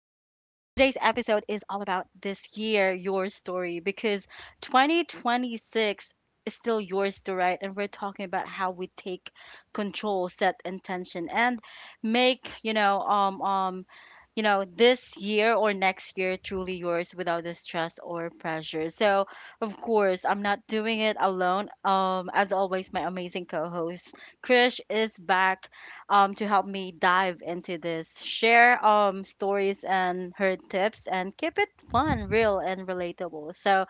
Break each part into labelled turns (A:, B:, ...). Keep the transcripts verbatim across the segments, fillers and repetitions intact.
A: Today's episode is all about this year, your story, because twenty twenty-six is still yours to write, and we're talking about how we take control, set intention, and make, you know, um, um, you know, this year or next year truly yours without the stress or pressure. So, of course, I'm not doing it alone. Um, as always, my amazing co host Krish is back um, to help me dive into this, share um, stories and her tips, and keep it fun, real, and relatable. So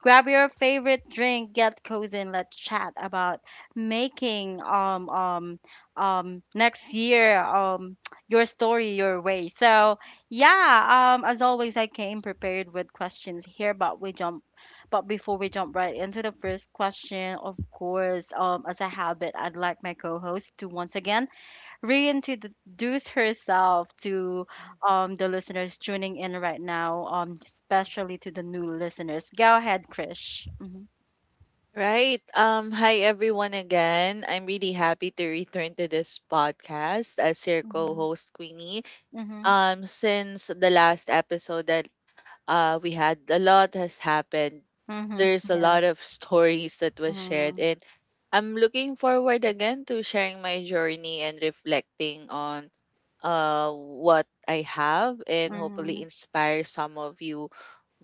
A: grab your favorite drink, get cozy, and let's chat about making um, um, um, next year um, your story your way. So yeah, um, as always, I came prepared with questions here, but we jump. But before we jump right into the first question, of course, um, as a habit, I'd like my co-host to once again reintroduce herself to um, the listeners tuning in right now, um, especially to the new listeners. Go ahead, Krish. Mm-hmm.
B: Right. Um, hi everyone again. I'm really happy to return to this podcast as your
A: Mm-hmm.
B: co-host Queenie.
A: Mm-hmm.
B: Um, since the last episode that uh, we had, a lot has happened.
A: Mm-hmm.
B: There's a
A: Yeah.
B: lot of stories that was shared,
A: Mm-hmm.
B: and I'm looking forward again to sharing my journey and reflecting on uh what I have and hopefully
A: Mm-hmm.
B: inspire some of you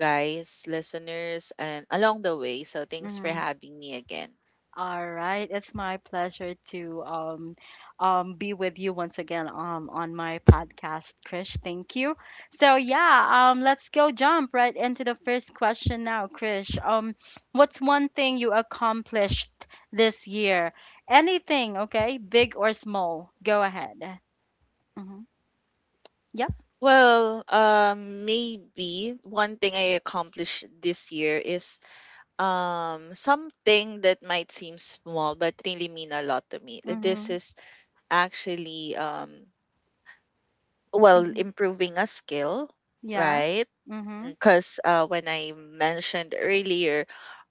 B: guys, listeners, and along the way. So thanks for
A: Mm-hmm.
B: having me again.
A: All right, it's my pleasure to um, um, be with you once again um, on my podcast, Krish. Thank you. So yeah, um, let's go jump right into the first question now, Krish. Um, what's one thing you accomplished this year? Anything, okay, big or small? Go ahead. Mm-hmm. Yep.
B: Well, um, maybe one thing I accomplished this year is um something that might seem small but really mean a lot to me. This
A: Mm-hmm.
B: is actually um well,
A: Mm-hmm.
B: improving a skill,
A: Yeah.
B: right?
A: Mm-hmm.
B: Because uh, when I mentioned earlier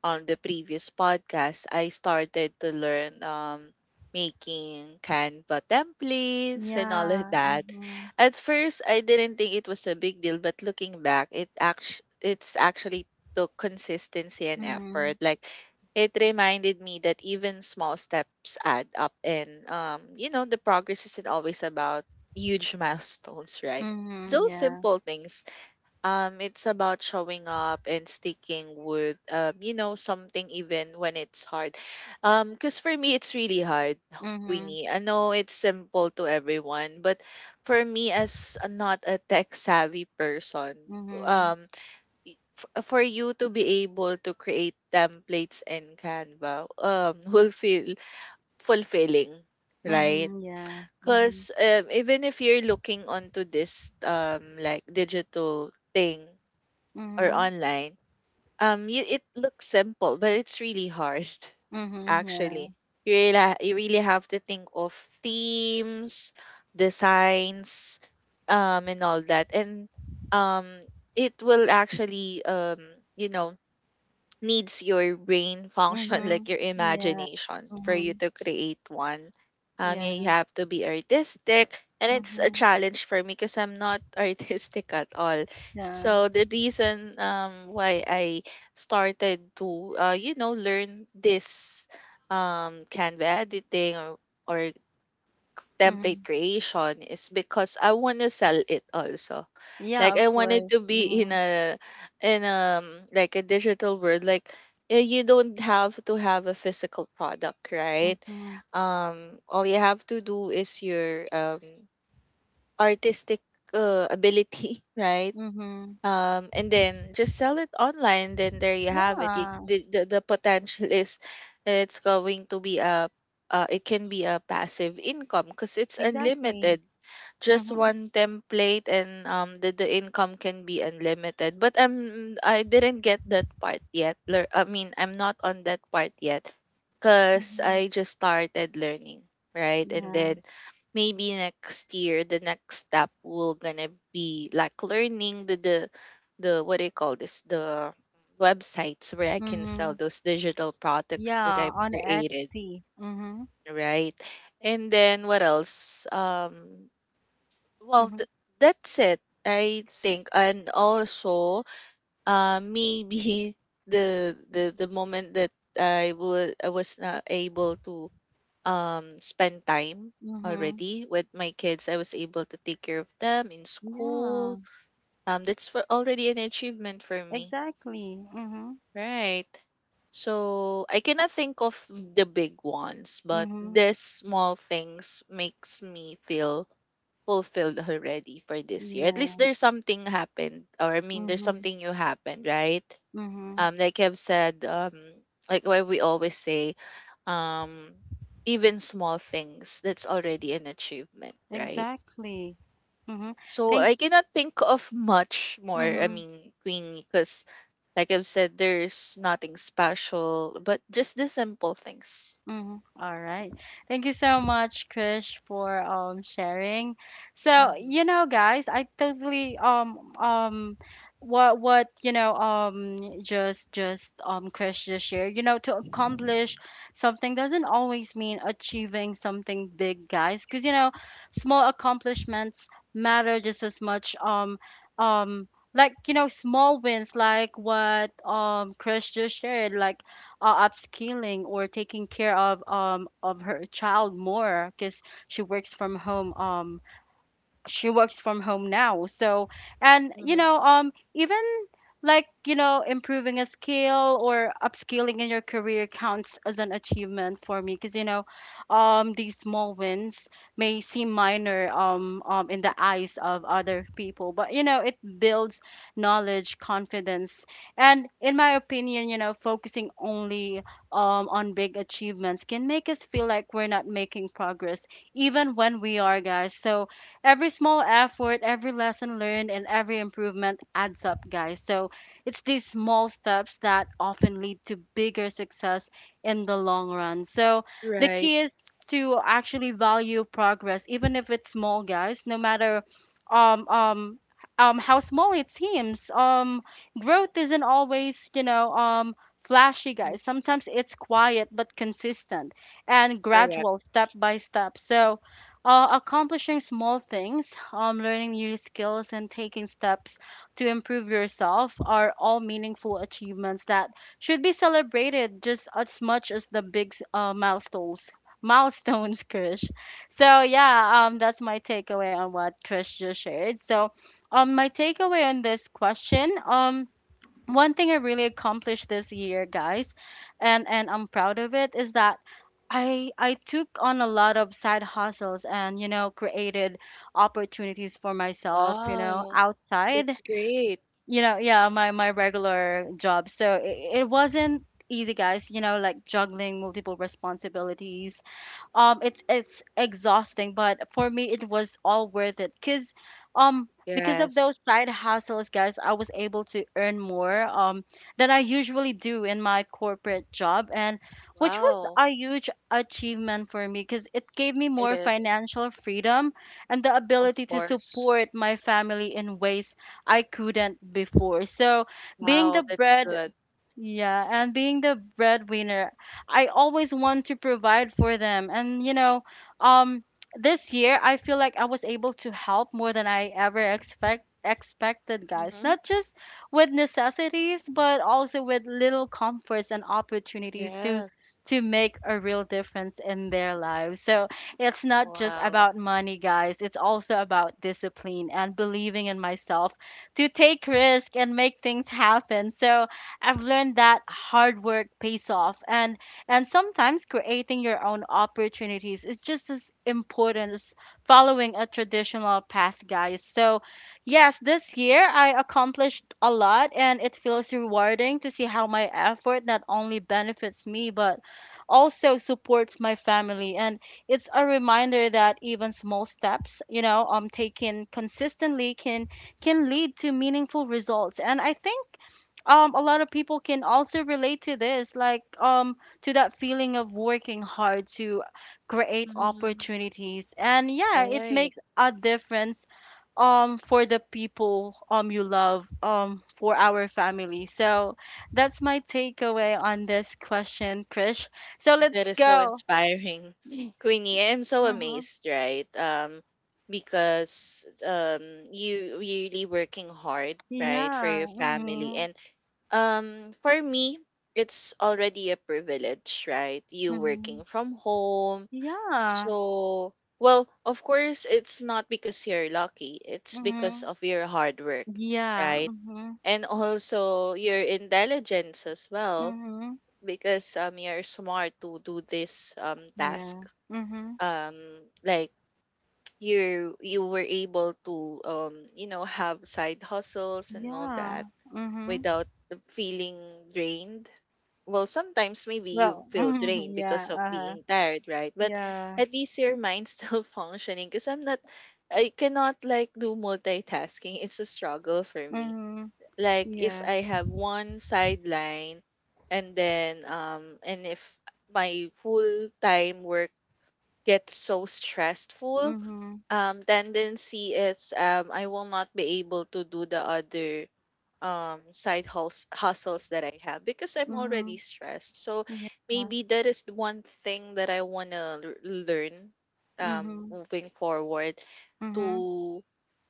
B: on the previous podcast, I started to learn, um, making Canva templates and all of
A: Yeah.
B: that.
A: Mm-hmm.
B: At first, I didn't think it was a big deal, but looking back, it act- it's actually took consistency and
A: Mm-hmm.
B: effort. Like, it reminded me that even small steps add up, and um, you know, the progress isn't always about huge milestones, right?
A: Mm-hmm.
B: Those
A: Yeah.
B: simple things, um, it's about showing up and sticking with, um, you know, something even when it's hard. Um, because for me, it's really hard,
A: Mm-hmm.
B: Queenie. I know it's simple to everyone, but for me, as a- not a tech savvy person,
A: Mm-hmm.
B: um, y- f- for you to be able to create templates in Canva, um, will feel fulfilling, right?
A: Mhm, yeah. Mhm.
B: Because um, even if you're looking onto this um like digital thing or
A: Mhm.
B: online, um, you, it looks simple, but it's really hard.
A: Mhm,
B: Actually,
A: yeah.
B: you really ha- you really have to think of themes, designs, um, and all that, and um, it will actually, um, you know needs your brain function like
A: Mhm.
B: your
A: Yeah.
B: imagination for you
A: Mhm.
B: to create one. Um, yeah, you
A: Yeah.
B: have to be artistic, and it's a
A: Mhm.
B: challenge for me because I'm not artistic at all.
A: Yeah.
B: So the reason um why I started to uh you know learn this um Canva editing, or, or template
A: Mhm.
B: creation is because I want to sell it also.
A: Yeah,
B: Like,
A: of
B: I wanted
A: course.
B: to be in
A: Mhm.
B: a in um like a digital world. Like, eh, you don't have to have a physical product, right?
A: Mhm.
B: Um, all you have to do is your um artistic uh, ability, right?
A: Mhm.
B: Um, and then just sell it online. Then there you have it. You,
A: Yeah,
B: the, the the potential is, it's going to be a uh, it can be a passive income because it's
A: exactly.
B: unlimited. Just
A: Mhm.
B: one template, and um the, the income can be unlimited, but i'm i didn't get that part yet. Lear- I mean, I'm not on that part yet because
A: Mhm.
B: I just started learning, right? And
A: Yeah.
B: then maybe next year the next step will gonna be like learning the the, the what do you call this, the websites where I can sell
A: Mhm.
B: those digital products that
A: Yeah,
B: I've
A: on
B: created,
A: Etsy. Mhm.
B: right? And then what else? um well,
A: Mhm.
B: th- that's it, I think. And also, uh, maybe the the the moment that I would I was not able to um spend time
A: Mhm.
B: already with my kids. I was able to take care of them in school.
A: Yeah,
B: Um, that's for already an achievement for me.
A: exactly. Mhm.
B: Right. So I cannot think of the big ones, but
A: Mhm.
B: the small things makes me feel fulfilled already for this year. At least
A: Yeah.
B: there's something happened, or I mean, there's
A: Mhm.
B: something new happened, right?
A: Mhm.
B: Um, like I've said, um, like why we always say, um, even small things, that's already an achievement, right?
A: Exactly. Mhm.
B: So
A: Thank.
B: I cannot think of much more, I
A: Mhm.
B: mean, Queenie, because like I've said, there's nothing special, but just the simple things.
A: Mhm. All right. Thank you so much, Krish, for um sharing. So,
B: Mm-hmm.
A: you know, guys, I totally um um what what you know um just just um Krish just shared. You know, to accomplish something doesn't always mean achieving something big, guys, because you know, small accomplishments matter just as much um um like you know small wins like what um Krish just shared like uh, upskilling or taking care of um of her child more because she works from home um she works from home now. So, and you
B: Mm-hmm.
A: know, um, even like you know, improving a skill or upskilling in your career counts as an achievement for me because you know, um, these small wins may seem minor, um, um, in the eyes of other people, but you know, it builds knowledge, confidence, and in my opinion, you know, focusing only um on big achievements can make us feel like we're not making progress, even when we are, guys. So, every small effort, every lesson learned, and every improvement adds up, guys. So it's these small steps that often lead to bigger success in the long run. So the
B: Right.
A: key is to actually value progress, even if it's small, guys, no matter um um um how small it seems. Um growth
B: Hmm.
A: isn't always, you know, um flashy guys.
B: It's
A: Sometimes it's quiet but consistent and gradual
B: correct.
A: step by step. So uh, accomplishing small things, um, learning new skills, and taking steps to improve yourself are all meaningful achievements that should be celebrated just as much as the big uh, milestones. Milestones, Krish. So yeah, um, that's my takeaway on what Krish just shared. So, um, my takeaway on this question, um, one thing I really accomplished this year, guys, and and I'm proud of it, is that I I took on a lot of side hustles and you know created opportunities for myself you know
B: Wow.
A: outside
B: That's great.
A: you know yeah my my regular job so it, it wasn't easy guys you know like juggling multiple responsibilities um it's it's exhausting but for me it was all worth it because um because of those
B: Yes.
A: side hustles guys I was able to earn more um than I usually do in my corporate job and which was
B: Wow.
A: a huge achievement for me because it gave me
B: It
A: more
B: is.
A: financial freedom and the
B: Of
A: ability to
B: course.
A: support my family in ways I couldn't before so being
B: Wow.
A: the
B: That's
A: bread
B: good.
A: yeah, and being the breadwinner, I always want to provide for them. And you know, um, this year I feel like I was able to help more than I ever expect expected, guys.
B: Hmm.
A: Not just with necessities, but also with little comforts and opportunities to
B: Yes.
A: to make a real difference in their lives. So it's not just
B: Wow.
A: about money, guys. It's also about discipline and believing in myself to take risk and make things happen. So I've learned that hard work pays off and and sometimes creating your own opportunities is just as important as following a traditional path, guys. So, yes, this year I accomplished a lot and it feels rewarding to see how my effort not only benefits me but also supports my family and it's a reminder that even small steps you know um taken consistently can can lead to meaningful results and I think um a lot of people can also relate to this like um to that feeling of working hard to create
B: Hmm.
A: opportunities and yeah it
B: Right.
A: makes a difference um for the people um you love um for our family so that's my takeaway on this question Krish so
B: That
A: let's
B: is so
A: go
B: inspiring, Queenie. I'm so
A: mm-hmm.
B: amazed, right? Um, because um, you really working hard, right, for your
A: Yeah
B: family,
A: mm-hmm.
B: and um, for me, it's already a privilege, right? You
A: Mm-hmm.
B: working from home,
A: Yeah
B: so well, of course, it's not because you're lucky. It's because
A: mm-hmm.
B: of your hard work,
A: Yeah
B: right?
A: mm-hmm.
B: And also your intelligence as well,
A: Mm-hmm.
B: because um you're smart to do this um task,
A: Yeah mm-hmm.
B: um like, you you were able to um you know have side hustles and all
A: Yeah.
B: that
A: Mhm.
B: without the feeling drained. Well, sometimes maybe you
A: Well,
B: feel
A: mhm.
B: drained
A: Yeah.
B: because of
A: Uh-huh.
B: being tired, right? But
A: Yeah.
B: at least your mind's still functioning, because I'm not, I cannot like do multitasking. It's a struggle for me.
A: Mhm.
B: Like, if
A: Yeah.
B: I have one sideline and then um and if my full time work gets so stressful,
A: Mhm.
B: um tendency is, um I will not be able to do the other um side hus- hustles that I have because I'm already
A: Mhm.
B: stressed. So
A: Yeah.
B: maybe that is the one thing that I want to learn, um
A: Mhm.
B: moving forward,
A: Mhm.
B: to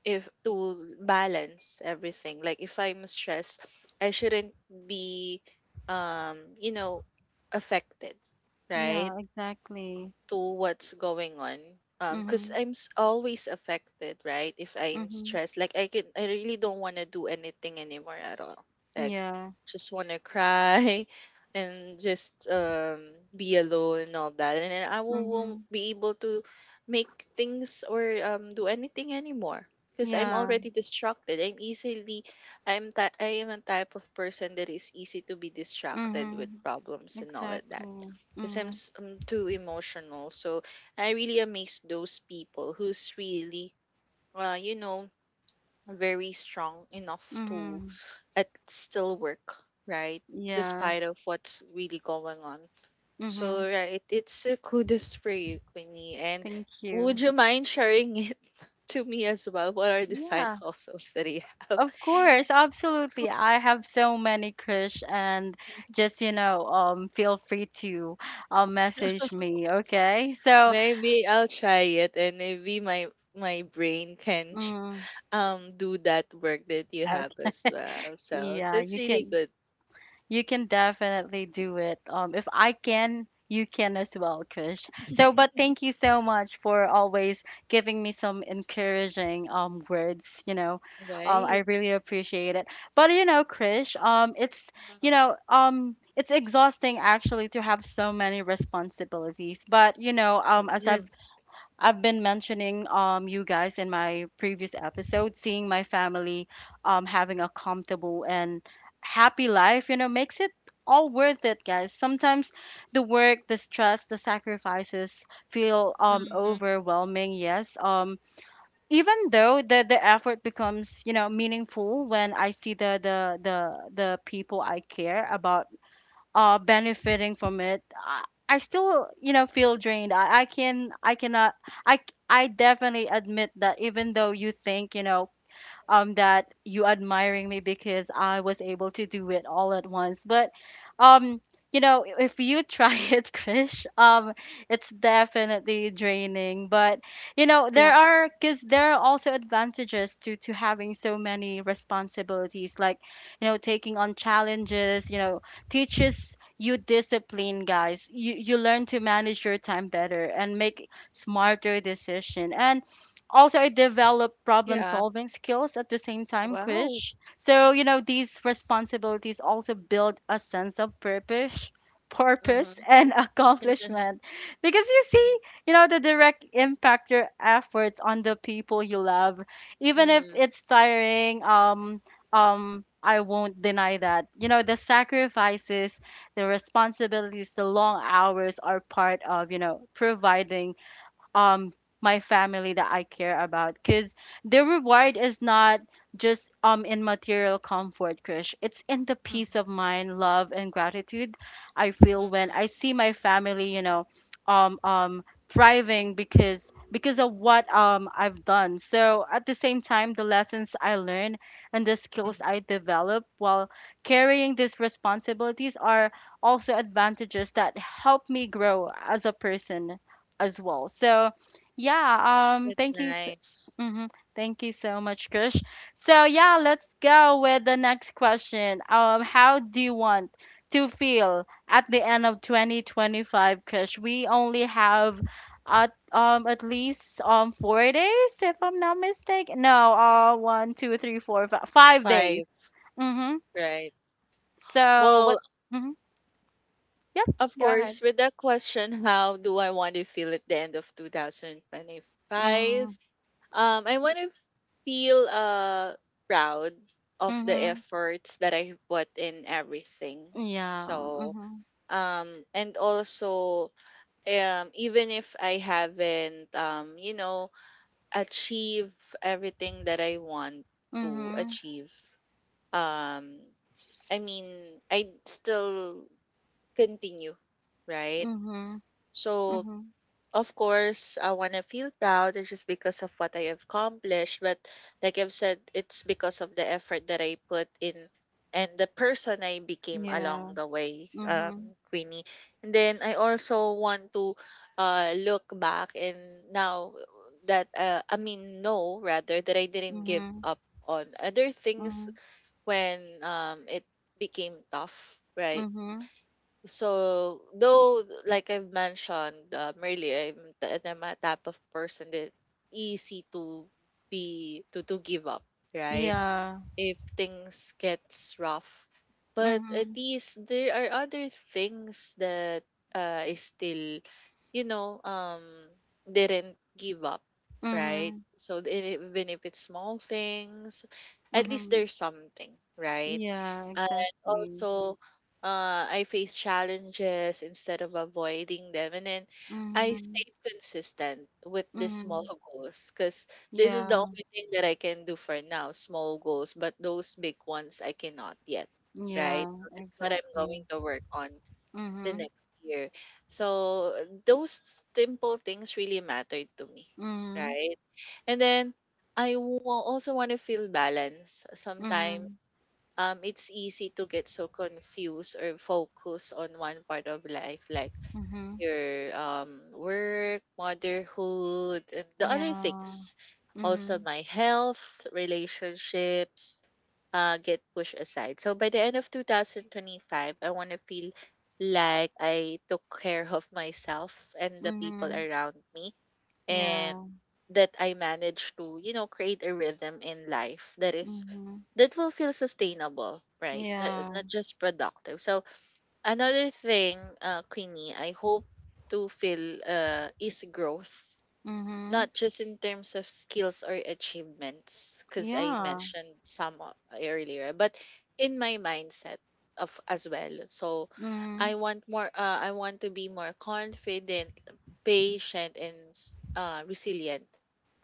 B: if to balance everything. Like, if I'm stressed, I shouldn't be um you know affected, right,
A: Yeah, exactly.
B: to what's going on. Um because
A: Mhm.
B: i'm s- always affected, right? If I'm
A: Mhm.
B: stressed, like, I can, I really don't want to do anything anymore at all. Like,
A: Yeah.
B: just want to cry and just um be alone and all that, and then i will, won't
A: Mhm.
B: be able to make things or um do anything anymore because I'm
A: Yeah.
B: already distracted. I'm easily, i'm ti- I am a type of person that is easy to be distracted with
A: Mhm.
B: problems and all of that,
A: Exactly.
B: because I'm,
A: Mhm.
B: s- I'm too emotional. So I really amaze those people who's really, uh, you know, very strong enough to
A: Mhm.
B: at still work, right?
A: Yeah.
B: Despite of what's really going on. So
A: Mhm.
B: right, it's a kudos for you, Queenie. And
A: Thank
B: would
A: you.
B: you mind sharing it to me as well? What are the side
A: Yeah.
B: hustles that you have?
A: Of course, absolutely. I have so many crush and just, you know, um feel free to uh, message me, okay? So,
B: Maybe I'll try it, and maybe my my brain can ch-
A: mm,
B: um do that work that you have
A: okay,
B: as well. So
A: yeah,
B: that's
A: you
B: really
A: can.
B: good.
A: You can definitely do it. Um, if I can, you can as well, Krish. So, but thank you so much for always giving me some encouraging um words. You know, um, I
B: Right.
A: really appreciate it. But you know, Krish, um, it's you
B: Mhm.
A: know, um, it's exhausting actually to have so many responsibilities. But you know, um, as I've
B: Yes.
A: I've been mentioning um you guys in my previous episode, seeing my family um having a comfortable and happy life, you know, makes it all worth it, guys. Sometimes the work, the stress, the sacrifices feel um
B: Mm-hmm.
A: overwhelming, yes. Um even though the the effort becomes, you know, meaningful when I see the the the, the people I care about uh benefiting from it i, I still you know feel drained I, I can i cannot i c- i definitely admit that even though you think you know um, that you admiring me because I was able to do it all at once. But um, you know, if you try it, Krish, um, it's definitely draining. But you know,
B: Yeah.
A: there are because there are also advantages to to having so many responsibilities, like you know, taking on challenges. You know, teaches you discipline guys you you learn to manage your time better and make smarter decision and also I developed problem
B: Yeah.
A: solving skills at the same time,
B: Wow.
A: Krish. So, you
B: Mm-hmm.
A: know, these responsibilities also build a sense of purpose purpose
B: Mm-hmm.
A: and accomplishment because you see you know the direct impact your efforts on the people you love even if
B: Mm-hmm.
A: it's tiring um um I won't deny that you know the sacrifices the responsibilities the long hours are part of you know providing um my family that I care about because the reward is not just um in material comfort, Krish. It's in the peace of mind, love and gratitude I feel when I see my family, you know, um um thriving because because of what um I've done. So at the same time the lessons I learn and the skills I develop while carrying these responsibilities are also advantages that help me grow as a person as well. So yeah, um,
B: That's
A: thank you,
B: nice.
A: mm-hmm, Thank you so much, Krish. So yeah, let's go with the next question. Um, how do you want to feel at the end of twenty twenty-five, Krish? We only have at um at least um four days, if I'm not mistaken. No, uh, one, two, three, four, five, five days.
B: Five,
A: Mm-hmm.
B: right?
A: So
B: Well,
A: what? Mm-hmm. Yep.
B: of
A: Go ahead.
B: course, with that question, how do I want to feel at the end of
A: Mm-hmm.
B: twenty twenty-five? Um, I want to feel uh proud of the
A: Mm-hmm.
B: efforts that I put in everything.
A: Yeah.
B: So,
A: Mm-hmm.
B: um, and also, um, even if I haven't, um, you know, achieve everything that I want to
A: Mm-hmm.
B: achieve, um, I mean, I still continue, right?
A: Mm-hmm.
B: So
A: Mhm.
B: of course, I want to feel proud, it's just because of what I accomplished, but like I've said, it's because of the effort that I put in and the person I became
A: Yeah.
B: along the way, um,
A: Mhm.
B: Queenie. And then I also want to uh, look back and now that, uh, I mean, know rather that I didn't give
A: Mhm.
B: up on other things
A: Mhm.
B: when um, it became tough, right?
A: Mhm.
B: So, though, like I've mentioned um, earlier, I'm, t- I'm a type of person that easy to be to to give up, right?
A: Yeah.
B: If things gets rough. But at
A: Mhm.
B: least there are other things that uh, I still, you know, um, didn't give up, right?
A: Mhm.
B: So th- even if it's small things, at least
A: Mhm.
B: there's something, right?
A: Yeah,
B: And
A: exactly.
B: also, uh, I face challenges instead of avoiding them, and then I
A: Mhm.
B: stayed consistent with the small
A: Mhm.
B: goals, because this is the
A: Yeah.
B: only thing that I can do for now, small goals, but those big ones I cannot yet, right?
A: Yeah,
B: So that's what I'm
A: exactly.
B: going to work on the
A: Mhm.
B: next year. So those simple things really mattered to me,
A: Mhm.
B: right? And then I wa- also want to feel balance. Sometimes
A: Mhm.
B: um, it's easy to get so confused or focus on one part of life, like
A: Mhm.
B: your um, work, motherhood, and the other
A: Yeah.
B: things. Also,
A: Mhm.
B: my health, relationships uh, get pushed aside. So, by the end of twenty twenty-five, I want to feel like I took care of myself and the people
A: Mhm.
B: around me, and
A: Yeah.
B: that I manage to, you know, create a rhythm in life that is
A: Mhm.
B: that will feel sustainable, right? Th-
A: Yeah.
B: Not just productive. So another thing, uh, Queenie, I hope to feel uh, is growth,
A: Mhm.
B: not just in terms of skills or achievements, because I
A: Yeah.
B: mentioned some o- earlier, but in my mindset of as well. So
A: Mhm.
B: I want more. Uh, I want to be more confident, patient, and s- uh, resilient.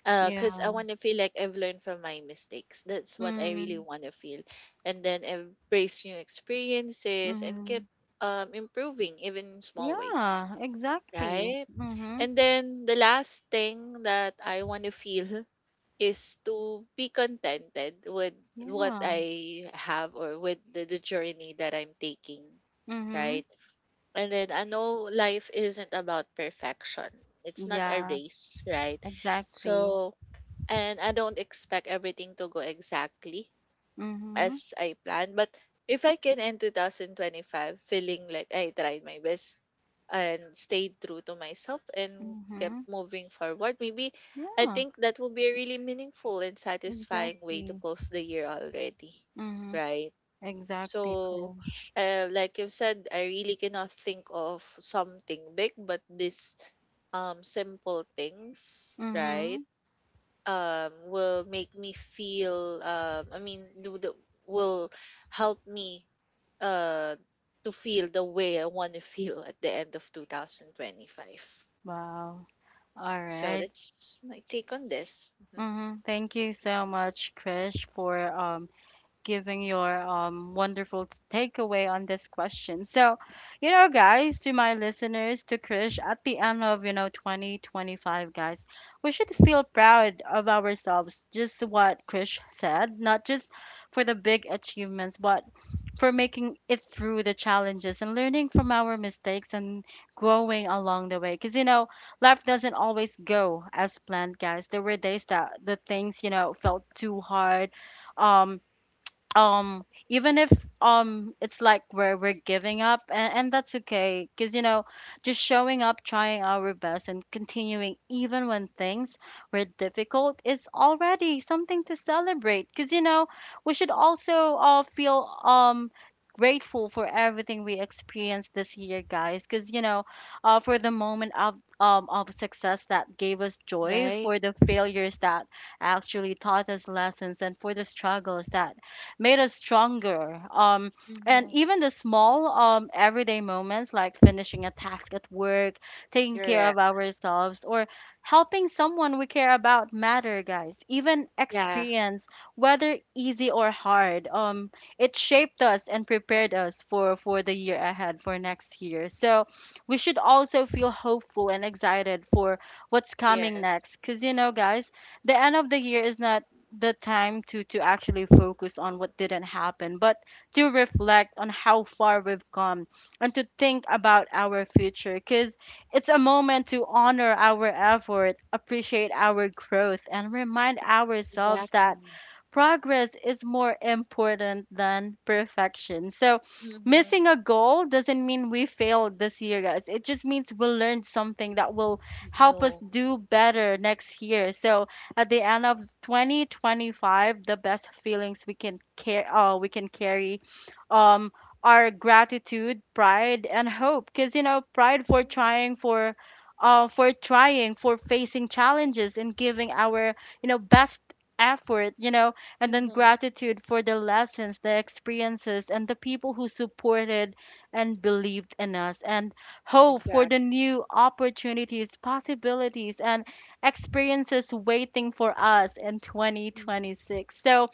B: Because I
A: Yeah.
B: want to feel like I've learned from my mistakes. That's what I really
A: Mhm.
B: want to feel. And then embrace new experiences and keep
A: Mhm.
B: um, improving, even in small ways,
A: Yeah, exactly.
B: right?
A: Mhm.
B: And then the last thing that I want to feel is to be contented with what
A: Yeah.
B: I have or with the, the journey that I'm taking,
A: Mm-hmm.
B: right? And then I know life isn't about perfection. It's not a
A: Yeah,
B: race, right?
A: exactly.
B: So, and I don't expect everything to go exactly
A: Mm-hmm.
B: as I planned. But if I can end twenty twenty-five feeling like I tried my best and stayed true to myself and kept
A: Mm-hmm.
B: moving forward, maybe I
A: Yeah,
B: think that would be a really meaningful and satisfying way to
A: exactly.
B: close the year already.
A: Mm-hmm.
B: Right?
A: Exactly,
B: So,
A: Krish.
B: uh, like you've said, I really cannot think of something big, but this um simple things,
A: Mm-hmm.
B: right? Um will make me feel um I mean do the will help me uh to feel the way I want to feel at the end of twenty twenty-five.
A: Wow. All
B: So
A: right.
B: that's my take on this. Hmm.
A: Mm-hmm. Thank you so much, Krish, for um giving your um, wonderful t- takeaway on this question. So, you know, guys, to my listeners, to Krish, at the end of, you know, twenty twenty-five, guys, we should feel proud of ourselves, just what Krish said, not just for the big achievements, but for making it through the challenges and learning from our mistakes and growing along the way. Because, you know, life doesn't always go as planned, guys. There were days that the things, you know, felt too hard. Um, um even if um it's like we're we're giving up, and, and that's okay, because you know just showing up, trying our best, and continuing even when things were difficult is already something to celebrate, because you know we should also all feel um grateful for everything we experienced this year, guys, because you know uh, for the moment of um, of success that gave us joy,
B: Right.
A: for the failures that actually taught us lessons, and for the struggles that made us stronger. Um, and
B: Hmm.
A: even the small um, everyday moments like finishing a task at work, taking care of
B: Correct.
A: ourselves, or helping someone we care about matter, guys. Even
B: Yeah.
A: experience, whether easy or hard, um, it shaped us and prepared us for, for the year ahead, for next year. So we should also feel hopeful and excited for what's coming
B: Yes.
A: next. Because, you know, guys, the end of the year is not the time to to actually focus on what didn't happen, but to reflect on how far we've come and to think about our future, because it's a moment to honor our effort, appreciate our growth, and remind ourselves
B: Exactly.
A: that progress is more important than perfection. So,
B: Mm-hmm.
A: missing a goal doesn't mean we failed this year, guys. It just means we learned something that will help us
B: You.
A: do better next year. So, at the end of twenty twenty-five, the best feelings we can care uh, we can carry um are gratitude, pride, and hope. Because you know, pride for
B: Yeah.
A: trying, for uh, for trying for facing challenges and giving our you know best effort, you know and then
B: Mm-hmm.
A: gratitude for the lessons, the experiences, and the people who supported and believed in us, and hope for the
B: Exactly.
A: new opportunities, possibilities, and experiences waiting for us in
B: Mm-hmm.
A: twenty twenty-six. So,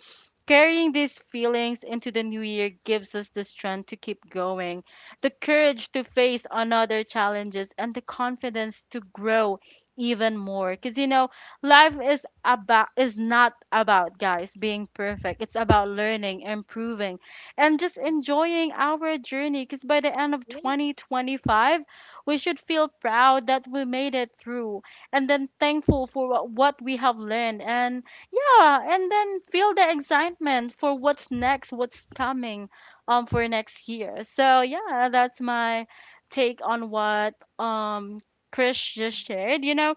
A: Carrying
B: Wow.
A: these feelings into the new year gives us the strength to keep going, the courage
B: Mhm.
A: to face another challenges, and the confidence to grow even more. Because you know, life is about is not about, guys, being perfect. It's about learning, improving, and just enjoying our journey. Because by the end of
B: Yes.
A: twenty twenty-five, we should feel proud that we made it through, and then thankful for what what we have learned, and yeah, and then feel the excitement for what's next, what's coming um for next year. So yeah, that's my take on what um Chris just shared. You know,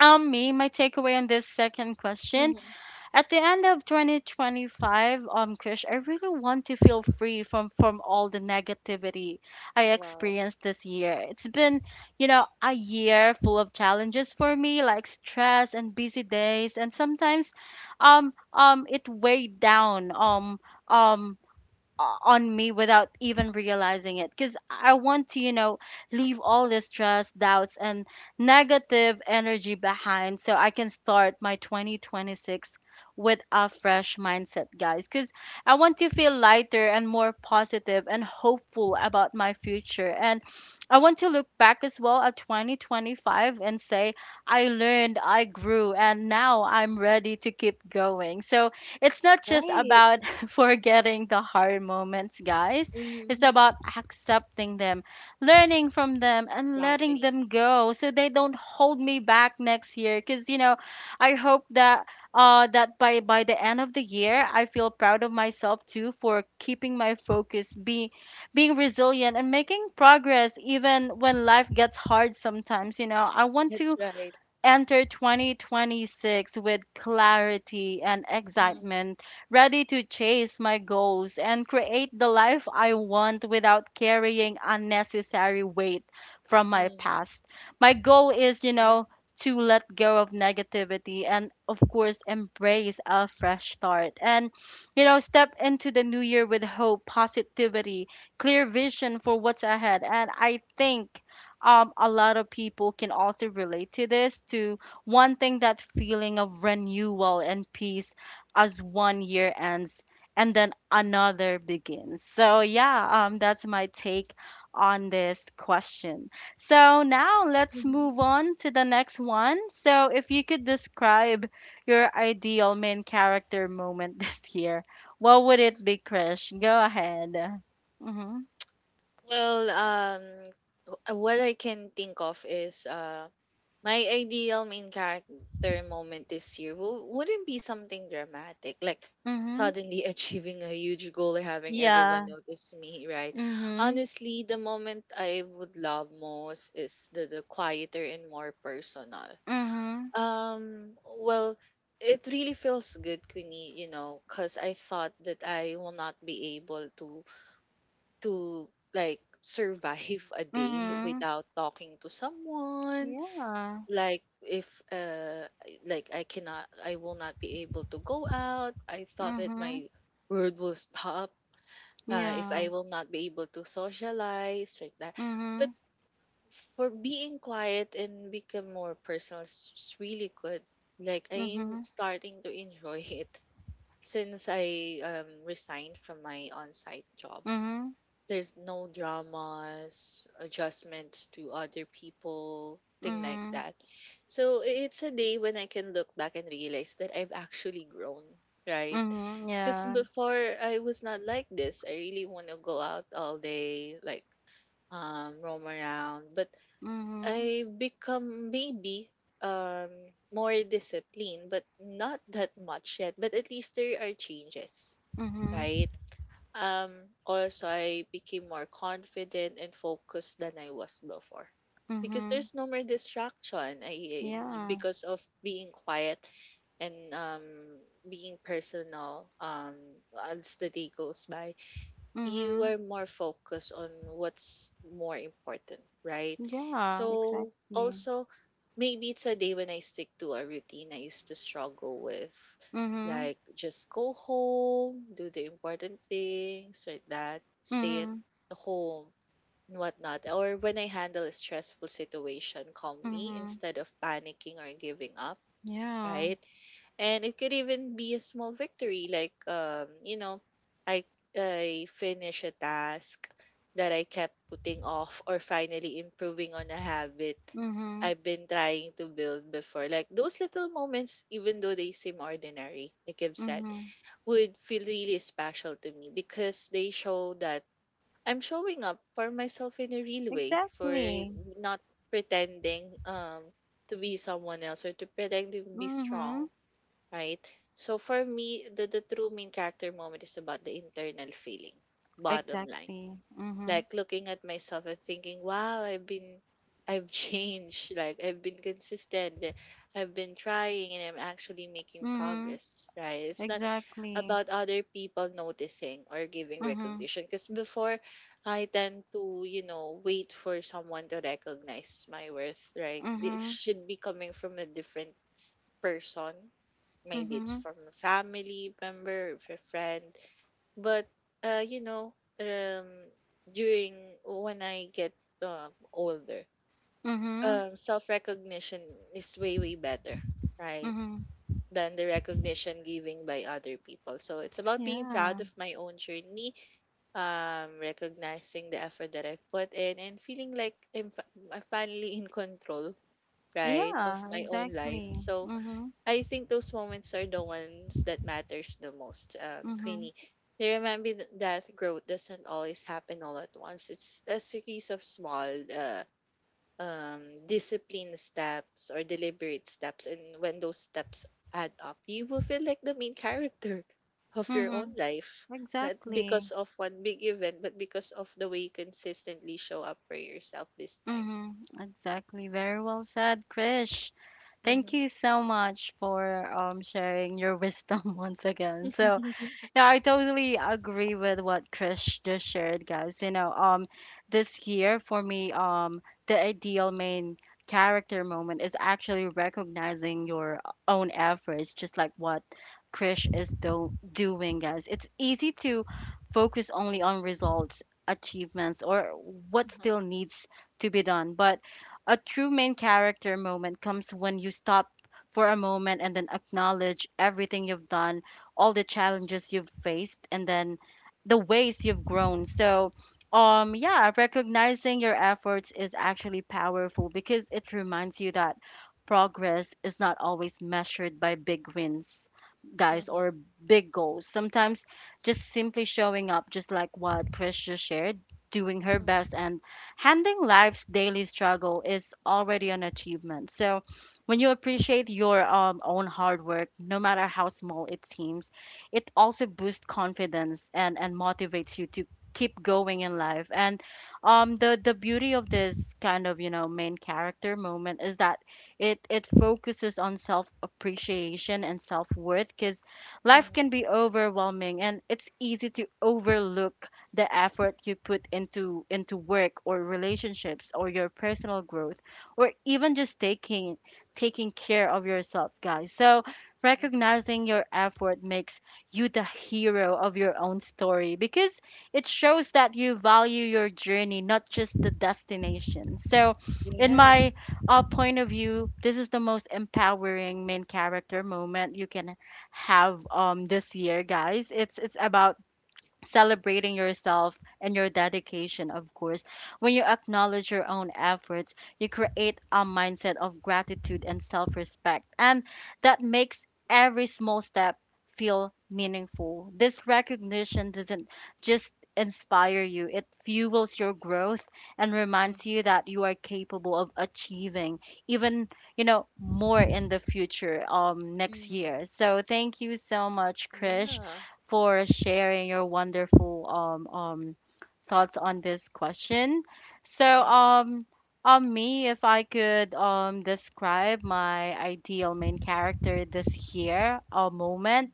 A: um me, my takeaway on this second question,
B: Mm-hmm.
A: at the end of twenty twenty-five, um, Krish, I really want to feel free from from all the negativity I
B: Wow.
A: experienced this year. It's been, you know, a year full of challenges for me, like stress and busy days, and sometimes, um, um, it weighed down, um, um o- on me without even realizing it. Because I want to, you know leave all this stress, doubts, and negative energy behind, so I can start my twenty twenty-six with a fresh mindset, guys. Because I want to feel lighter and more positive and hopeful about my future, and I want to look back as well at twenty twenty-five and say I learned, I grew, and now I'm ready to keep going. So it's not just
B: Right.
A: about forgetting the hard moments, guys. It's
B: Mm-hmm.
A: about accepting them, learning from them, and letting
B: Exactly.
A: them go so they don't hold me back next year. Because, you know, I hope that. Uh, that by by the end of the year, I feel proud of myself too for keeping my focus, be being resilient, and making progress even when life gets hard. Sometimes, you know, I want
B: That's
A: to
B: right.
A: Enter twenty twenty-six with clarity and excitement,
B: Mm-hmm.
A: ready to chase my goals and create the life I want without carrying unnecessary weight from my
B: Hmm.
A: past. My goal is, you know,
B: Yes.
A: to let go of negativity and, of course, embrace a fresh start and, you know, step into the new year with hope, positivity, clear vision for what's ahead. And I think um, a lot of people can also relate to this, to one thing, that feeling of renewal and peace as one year ends and then another begins. So yeah, um, that's my take on this question. So now let's
B: Mm-hmm.
A: move on to the next one. So if you could describe your ideal main character moment this year, what would it be, Krish? Go ahead. Mhm.
B: Well, um, w- what I can think of is uh, my ideal main character moment this year w- wouldn't be something dramatic, like
A: Mhm.
B: suddenly achieving a huge goal or having
A: Yeah.
B: everyone notice me, right?
A: Mhm.
B: Honestly, the moment I would love most is the, the quieter and more personal.
A: Mhm,
B: Um, well, it really feels good, Queenie, you know, because I thought that I will not be able to to like survive a day
A: mhm,
B: without talking to someone.
A: yeah,
B: Like if uh I- like I cannot I will not be able to go out. I thought that
A: mhm,
B: my world will stop uh if
A: yeah,
B: I will not be able to socialize like that. But
A: mhm,
B: for being quiet and become more personal is is really good. Like I am
A: mhm,
B: starting to enjoy it since I um, resigned from my on-site job.
A: mhm,
B: There's no dramas, adjustments to other people, thing like
A: mhm,
B: that. So i- it's a day when I can look back and realize that I've actually grown, right?
A: mhm,
B: Because
A: yeah,
B: before I was not like this. I really want to go out all day, like um, roam around, but
A: mhm,
B: I become maybe um more disciplined, but not that much yet. But at least there are changes,
A: mhm,
B: right? Um, also, I became more confident and focused than I was before. Because
A: mhm,
B: there's no more distraction. I I-
A: yeah,
B: because of being quiet and um being personal, um as the day goes by, you
A: mhm,
B: are more focused on what's more important, right?
A: yeah,
B: So
A: exactly,
B: also maybe it's a day when I stick to a routine I used to struggle with,
A: mhm,
B: like just go home, do the important things like that, stay at
A: mhm,
B: the home and whatnot. Or when I handle a stressful situation calmly
A: mhm,
B: instead of panicking or giving up,
A: yeah,
B: right? And it could even be a small victory, like um you know, i i finish a task that I kept putting off, or finally improving on a habit
A: mhm,
B: I've been trying to build before. Like those little moments, even though they seem ordinary, like I've said,
A: mhm,
B: would feel really special to me because they show that I'm showing up for myself in a real way, for
A: exactly,
B: not pretending um to be someone else or to pretend to be strong,
A: mhm,
B: right? So for me, the, the true main character moment is about the internal feeling, bottom line.
A: exactly, mhm,
B: Like looking at myself and thinking, wow, I've been, I've changed. Like I've been consistent. eh, I've been trying and I'm actually making
A: mhm,
B: progress, right? It's not
A: exactly,
B: about other people noticing or giving
A: mhm,
B: recognition. Because before, I tend to, you know, wait for someone to recognize my worth, right? It
A: mhm,
B: should be coming from a different person. Maybe it's
A: mhm,
B: from a family member, if a friend. But uh, you know, um, during when I get um, older,
A: mhm,
B: um, self recognition is way way better, right?
A: mhm,
B: Than the recognition giving by other people. So it's about being proud
A: yeah.
B: of my own journey, um, recognizing the effort that I put in, and feeling like I'm, fi- I'm finally in control, right, of
A: Yeah,
B: my own life.
A: exactly.
B: So
A: Mm-hmm.
B: I think those moments are the ones that matters the most, um,
A: Mm-hmm.
B: Queenie. They remind me th- that growth doesn't always happen all at once. It's a series of small, uh, um, disciplined steps or deliberate steps, and when those steps add up, you will feel like the main character of your own
A: Mm-hmm.
B: life. Not
A: Exactly.
B: because of one big event, but because of the way you consistently show up for yourself this time.
A: Mm-hmm. Exactly. Very well said, Krish. Thank
B: Mm-hmm.
A: you so much for um sharing your wisdom once again. So,
B: Mm-hmm.
A: No, I totally agree with what Chris just shared, guys. You know, um, this year for me, um, the ideal main character moment is actually recognizing your own efforts, just like what Chris is do- doing, guys. It's easy to focus only on results, achievements, or what still needs to be done, but a true main character moment comes when you stop for a moment and then acknowledge everything you've done, all the challenges you've faced, and then the ways you've grown. So, um, yeah, recognizing your efforts is actually powerful because it reminds you that progress is not always measured by big wins, guys,
B: Hmm.
A: or big goals. Sometimes just simply showing up, just like what Chris just shared, doing her best and handling life's daily struggle is already an achievement. So, when you appreciate your um, own hard work, no matter how small it seems, it also boosts confidence, and, and motivates you to keep going in life. And um, the, the beauty of this kind of, you know, main character moment is that it, it focuses on self appreciation and self worth, because life
B: Hmm.
A: can be overwhelming, and it's easy to overlook the effort you put into into work or relationships or your personal growth or even just taking taking care of yourself, guys. So, recognizing your effort makes you the hero of your own story, because it shows that you value your journey, not just the destination. So, in my uh, point of view, this is the most empowering main character moment you can have um this year, guys. It's it's about celebrating yourself and your dedication, of course. When you acknowledge your own efforts, you create a mindset of gratitude and self respect, and that makes every small step feel meaningful. This recognition doesn't just inspire you, it fuels your growth and reminds you
B: Hmm.
A: that you are capable of achieving even, you know more in the future um next
B: Mhm.
A: year. So thank you so much, Krish,
B: Yeah.
A: for sharing your wonderful um, um, thoughts on this question. So,
B: Mhm.
A: um, on me, if I could um, describe my ideal main character this year, a moment,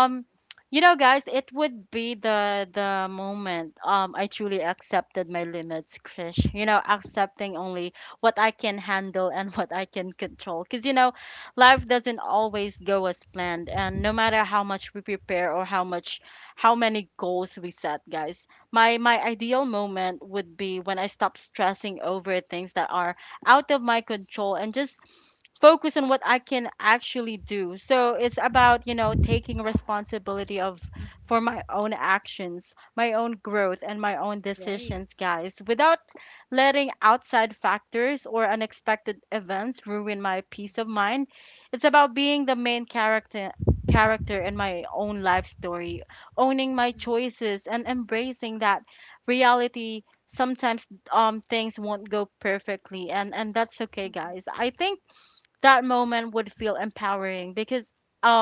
B: Mhm.
A: you know, guys, it would be the the moment um I truly accepted my limits, Krish. You know,
B: Mhm.
A: accepting only what I can handle and what I can control. Because you know, life doesn't always go as planned, and no matter how much we prepare or how much how many goals we set, guys, my my ideal moment would be when I stop stressing over things that are out of my control and just focus on what I can actually do. So it's about, you know, taking responsibility of
B: Mhm.
A: for my own actions, my own
B: Mhm.
A: growth, and my own
B: Right.
A: decisions, guys, without letting outside factors or unexpected events ruin my peace of
B: Mhm.
A: mind. It's about being the main character character in my own life story, owning my
B: Mhm.
A: choices and embracing that reality. Sometimes um things won't go perfectly, and and that's okay,
B: Mhm.
A: guys. I think that moment would feel empowering because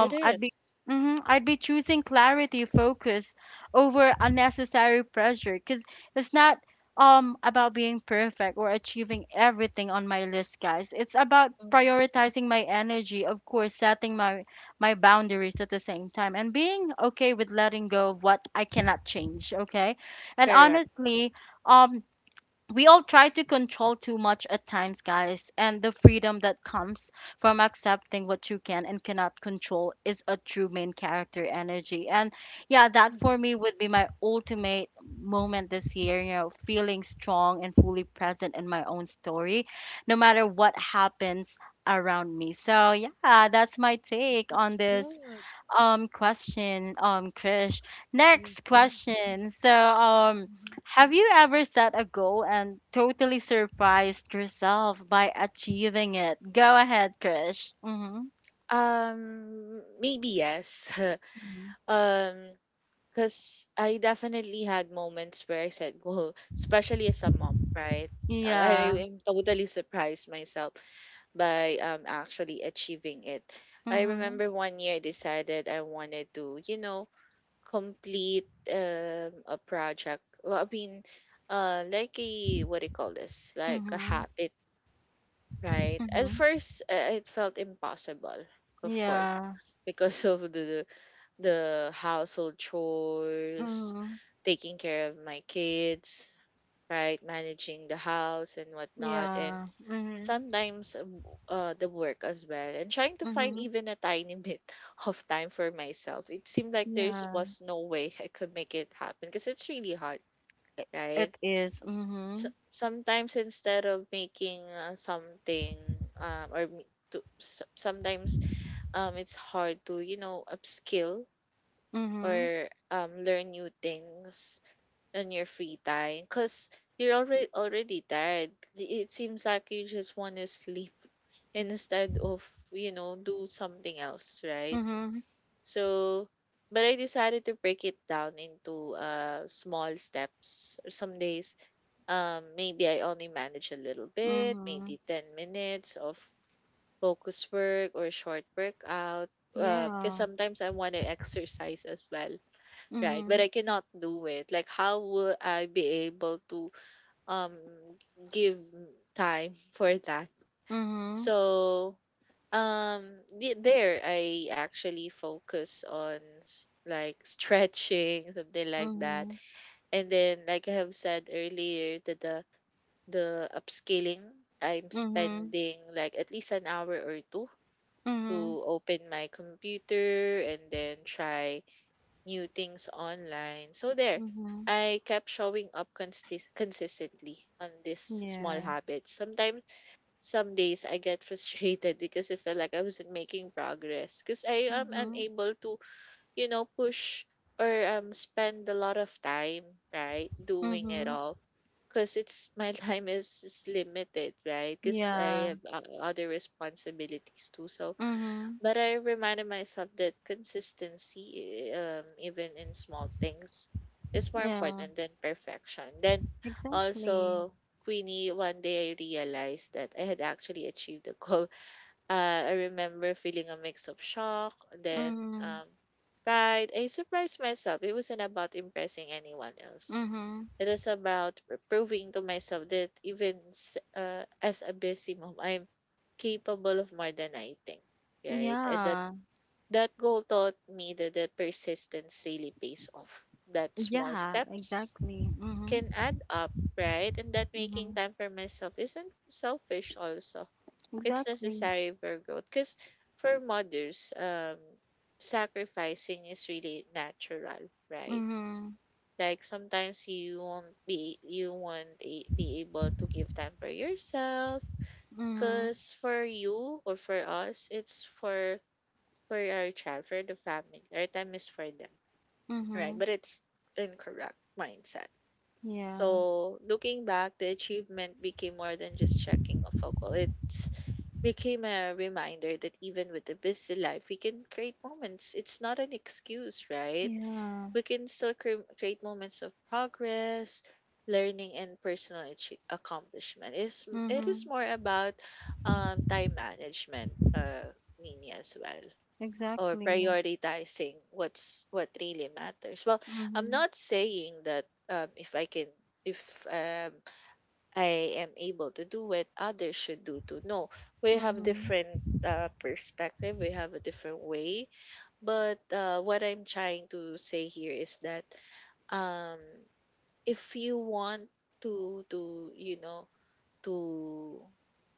B: It
A: I'd be
B: is.
A: mhm, I'd be choosing clarity, focus over unnecessary pressure, because it's not um about being perfect or achieving everything on my list, guys. It's about
B: Mhm.
A: prioritizing my energy, of course, setting my my boundaries at the same time and being okay with letting go of what I cannot change, okay? And
B: Correct.
A: honestly, um we all try to control too much at times, guys, and the freedom that comes from accepting what you can and cannot control is a true main character energy. And yeah, that
B: Mhm.
A: for me would be my ultimate moment this year, you know, feeling strong and fully present in my own story, no matter what happens around me. So yeah, that's my take
B: That's
A: on this
B: good.
A: um question, um Krish.
B: Y-
A: Next
B: Yeah.
A: question. So, um
B: Mhm.
A: have you ever set a goal and totally surprised yourself by achieving it? Go ahead, Krish. Mhm.
B: Um, maybe yes.
A: Mhm.
B: um, because I definitely had moments where I said, "Go," especially as a mom, right? I
A: Yeah.
B: I am totally surprised myself by um actually achieving it. I
A: Mhm.
B: remember one year I decided I wanted to, you know, complete um a project. Well, I mean, uh, like a, what do you call this? Like a
A: Mhm.
B: habit, right? At
A: Mhm.
B: first, uh, it felt impossible, of course,
A: Yeah.
B: because of the the household chores,
A: Mhm.
B: taking care of my kids, right, managing the house and whatnot, and
A: Yeah. Mhm.
B: sometimes, um, uh, the work as well, and trying to find
A: Mhm.
B: even a tiny bit of time for myself. It seemed like there
A: Yeah.
B: was no way I could make it happen because it's really hard,
A: It,
B: right?
A: it is.
B: So
A: Mhm.
B: sometimes, instead of making uh, something um, or m- to, s- sometimes um, it's hard to, you know, upskill
A: Mhm.
B: or um, learn new things in your free time because you're already already tired. It seems like you just want to sleep instead of, you know, do something else, right?
A: Mhm.
B: So, but I decided to break it down into uh small steps. Some days, um, maybe I only manage a little bit,
A: Mhm.
B: maybe ten minutes of focus work or short workout. Uh, because
A: Yeah.
B: sometimes I want to exercise as well. Right, but
A: Mhm.
B: I cannot do it. Like, how will I be able to um give time for that?
A: Mhm.
B: So, um, the- there I actually focus on s- like stretching, something like that,
A: Mhm.
B: and then like I have said earlier, that the the upscaling, I'm
A: Mhm.
B: spending like at least an hour or two to
A: Mhm,
B: open my computer and then try new things online. So there,
A: mhm,
B: I kept showing up consti- consistently on this small
A: yeah,
B: habit. Sometimes, some days I get frustrated because I felt like I wasn't making progress, because I am
A: mhm,
B: unable to, you know, push or um spend a lot of time, right, doing it
A: mhm,
B: all. Because it's my time is, is limited, right? Because
A: yeah,
B: I have uh, other responsibilities too. So,
A: mhm,
B: but I reminded myself that consistency, um, even in small things, is more
A: yeah,
B: important than perfection. Then
A: exactly,
B: also, Queenie, one day I realized that I had actually achieved the goal. Uh, I remember feeling a mix of shock, then
A: mhm,
B: um, pride. I surprised myself. It wasn't about impressing anyone else.
A: mhm,
B: It was about pr- proving to myself that even s- uh, as a busy mom, I'm capable of more than I think, right? And that
A: yeah,
B: that goal taught me that the persistence really pays off. That small
A: yeah,
B: steps
A: exactly, mhm,
B: can add up, right? And that making
A: mhm,
B: time for myself isn't selfish also. It's
A: exactly,
B: necessary for growth. Because for mothers, um, sacrificing is really natural, right?
A: mhm,
B: Like sometimes you won't be you won't a- be able to give time for yourself.
A: mhm,
B: Cause for you or for us, it's for for our child, for the family. Our time is for them, right?
A: mhm,
B: But it's incorrect mindset.
A: yeah,
B: So looking back, the achievement became more than just checking off a goal. It became a reminder that even with a busy life, we can create moments. It's not an excuse, right?
A: yeah,
B: We can still cre- create moments of progress, learning, and personal achie- accomplishment. It's, it is
A: mhm,
B: more about um, time management, uh, Nini, as well, or
A: exactly,
B: prioritizing what's what really matters. Well, I'm
A: mhm,
B: not saying that um, if I can if um, I am able to do it, others should do too. No, we have
A: mhm,
B: different uh, perspective. We have a different way. But uh, what I'm trying to say here is that, um, if you want to to you know to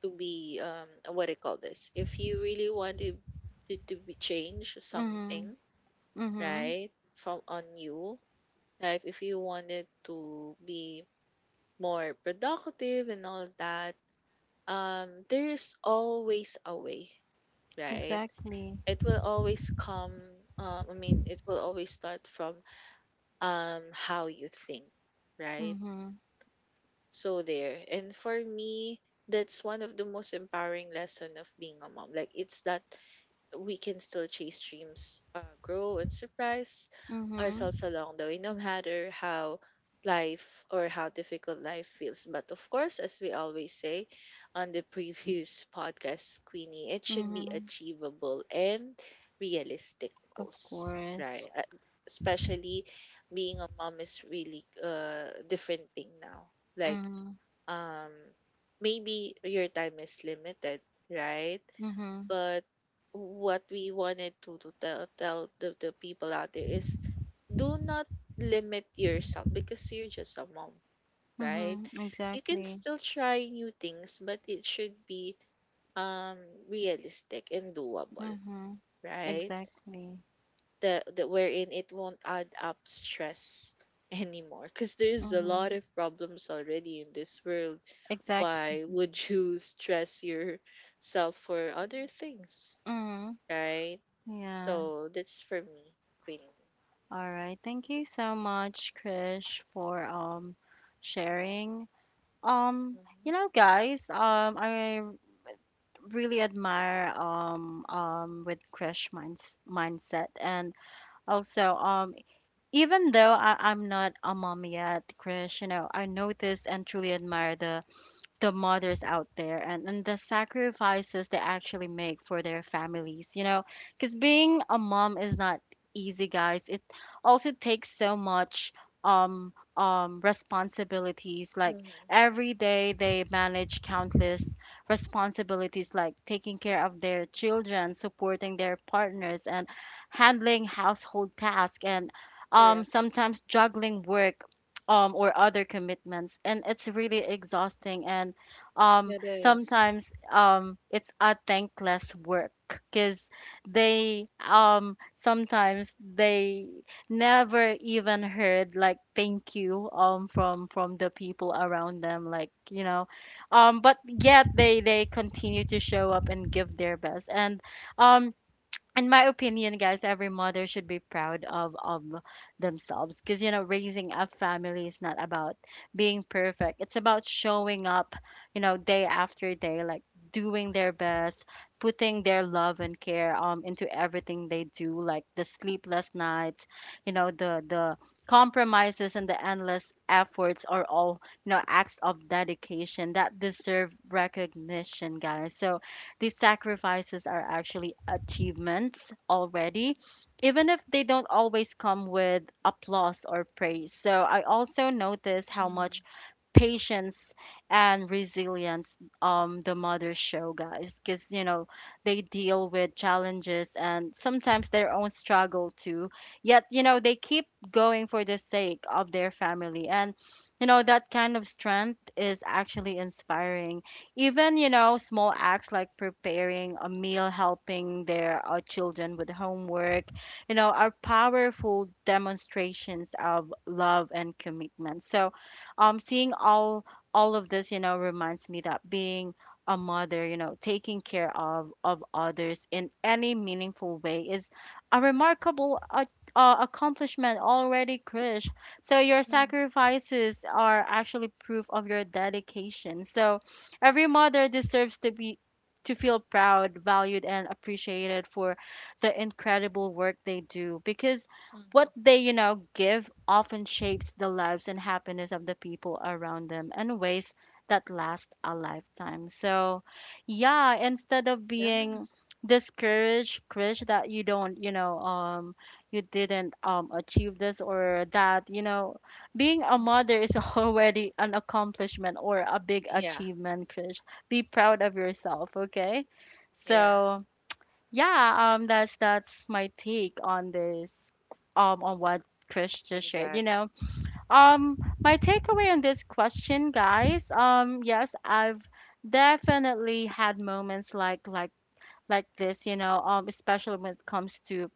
B: to be um what do you call this if you really want to to, to be change something,
A: mhm, mhm,
B: right, from on you, like if you wanted to be more productive and all that, um there's always a way, right?
A: exactly,
B: It will always come, um, i mean it will always start from um how you think, right?
A: mhm,
B: So there. And for me, that's one of the most empowering lesson of being a mom. Like it's that we can still chase dreams, uh, grow and surprise
A: mhm,
B: ourselves along the way, no matter how life or how difficult life feels. But of course, as we always say on the previous podcast, Queenie, it should be
A: mhm,
B: achievable and realistic
A: of
B: goals.
A: course,
B: Right. Uh, especially being a mom is really a different thing now. Like
A: mhm.
B: um maybe your time is limited, right?
A: Mhm.
B: But what we wanted to, to tell tell the, the people out there is do not limit yourself because you're just a mom, right?
A: Mhm.
B: You can
A: Exactly.
B: still try new things, but it should be um realistic and doable,
A: Mhm.
B: right?
A: Exactly.
B: The, the wherein it won't add up stress anymore because there's a lot
A: Mhm.
B: of problems already in this world.
A: Exactly.
B: Why would you stress yourself for other things,
A: Mhm.
B: right?
A: Yeah.
B: So that's for me, Queenie.
A: All right. Thank you so much, Krish, for um sharing. Um,
B: Mm-hmm.
A: you know, guys, um I really admire um um with Krish minds mindset, and also um even though I, I'm not a mom yet, Krish, you know, I notice and truly admire the the mothers out there, and, and the sacrifices they actually make for their families, you know, because being a mom is not easy, guys. It also takes so much um um responsibilities, like
B: Mm-hmm.
A: every day they manage countless responsibilities, like taking care of their children, supporting their partners and handling household tasks, and um
B: Correct.
A: sometimes juggling work um, or other commitments, and it's really exhausting. And um,
B: It is.
A: sometimes um, it's a thankless work, because they um, sometimes they never even heard like thank you um, from from the people around them, like you know, um, but yet they they continue to show up and give their best. And um, in my opinion, guys, every mother should be proud of of themselves, because you know, raising a family is not about being perfect. It's about showing up, you know, day after day, like doing their best, putting their love and care um into everything they do, like the sleepless nights, you know, the the compromises and the endless efforts are all, you know, acts of dedication that deserve recognition, guys. So these sacrifices are actually achievements already, even if they don't always come with applause or praise. So I also notice how
B: Mm-hmm.
A: much patience and resilience um the mothers show, guys, because you know, they deal with challenges and sometimes their own struggle too, yet you know, they keep going for the sake of their family. And you know, that kind of strength is actually inspiring. Even, you know, small acts like preparing a meal, helping their uh, children with homework, you know, are powerful demonstrations of love and commitment. So um seeing all all of this, you know, reminds me that being a mother, you know, taking care of of others in any meaningful way is a remarkable uh, uh, accomplishment already, Krish. So your sacrifices are actually proof of your dedication, so every mother deserves to be to feel proud, valued and appreciated for the incredible work they do, because what
B: Mm-hmm.
A: they, you know, give often shapes the lives and happiness of the people around them in ways that last a lifetime. So, yeah, instead of being
B: Yes.
A: discouraged, Krish, that you don't, you know, um, you didn't um achieve this or that, you know, being a
B: Mm-hmm.
A: mother is already an accomplishment or a big
B: Yeah.
A: achievement, Krish. Be proud of yourself, okay?
B: Yeah.
A: So, yeah, um that's that's my take on this, um on what Chris just shared, you
B: Exactly.
A: know, um my takeaway on this question, guys. Um yes, I've definitely had moments like like like this, you know, um especially when it comes to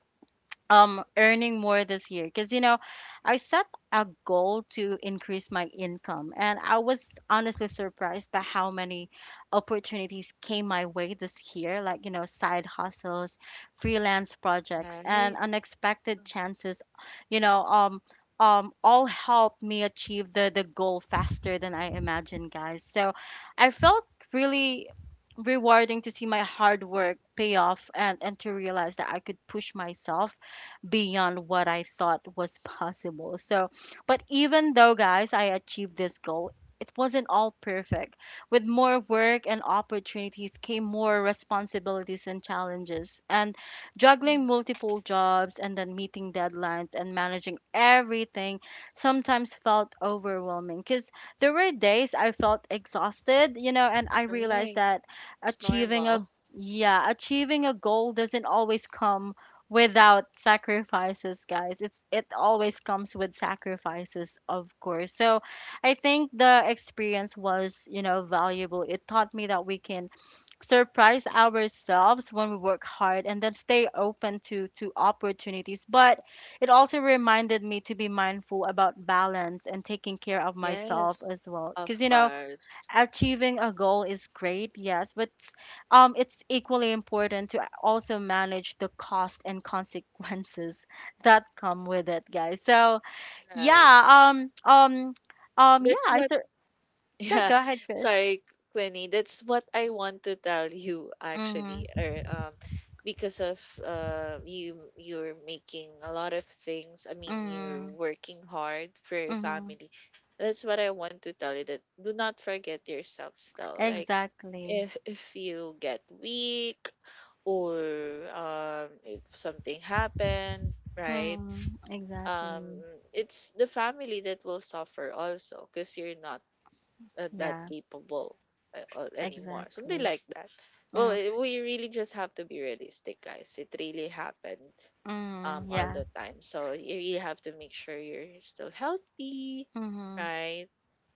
A: um earning more this year, because you know, I set a goal to increase my income, and I was honestly surprised by how many opportunities came my way this year, like, you know, side hustles, freelance projects and
B: Right.
A: unexpected chances, you know, um um all helped me achieve the the goal faster than I imagined, guys. So I felt really rewarding to see my hard work pay off, and and to realize that I could push myself beyond what I thought was possible. So, but even though, guys, I achieved this goal, it wasn't all perfect. With more work and opportunities came more responsibilities and challenges. And juggling multiple jobs and then meeting deadlines and managing everything sometimes felt overwhelming, because there were days I felt exhausted, you know, and I
B: Mm-hmm.
A: realized
B: Right.
A: that
B: It's
A: achieving a
B: normal.
A: yeah, achieving a goal doesn't always come without sacrifices, guys. It's, it always comes with sacrifices, of course. So I think the experience was, you know, valuable. It taught me that we can surprise ourselves when we work hard and then stay open to to opportunities, but it also reminded me to be mindful about balance and taking care of myself
B: Yes.
A: as well, because
B: Of
A: you know,
B: course.
A: achieving a goal is great, yes, but s- um, it's equally important to also manage the cost and consequences that come with it, guys. So
B: Right.
A: yeah, um, um, um, yeah,
B: That's
A: I
B: why.
A: th- yeah,
B: Yeah,
A: go ahead, Krish.
B: sorry, Quinny. That's what I want to tell you actually.
A: Mm-hmm,
B: Or um, Because of uh, you you're making a lot of things. I mean, you're
A: mm-hmm,
B: working hard for your
A: mm-hmm.
B: family. That's what I want to tell you. That do not forget yourself still. Like
A: Exactly.
B: if if you get weak or um if something happened, right?
A: Mm-hmm,
B: Um,
A: exactly.
B: it's the family that will suffer also because you're not uh, that
A: Yeah,
B: capable uh, uh, anymore. Something
A: exactly.
B: like that. Well, eh, we really just have to be realistic, guys. It really happened um
A: Mm-hmm,
B: all
A: yeah.
B: the time. So you really have to make sure you're still healthy,
A: Mm-hmm,
B: right?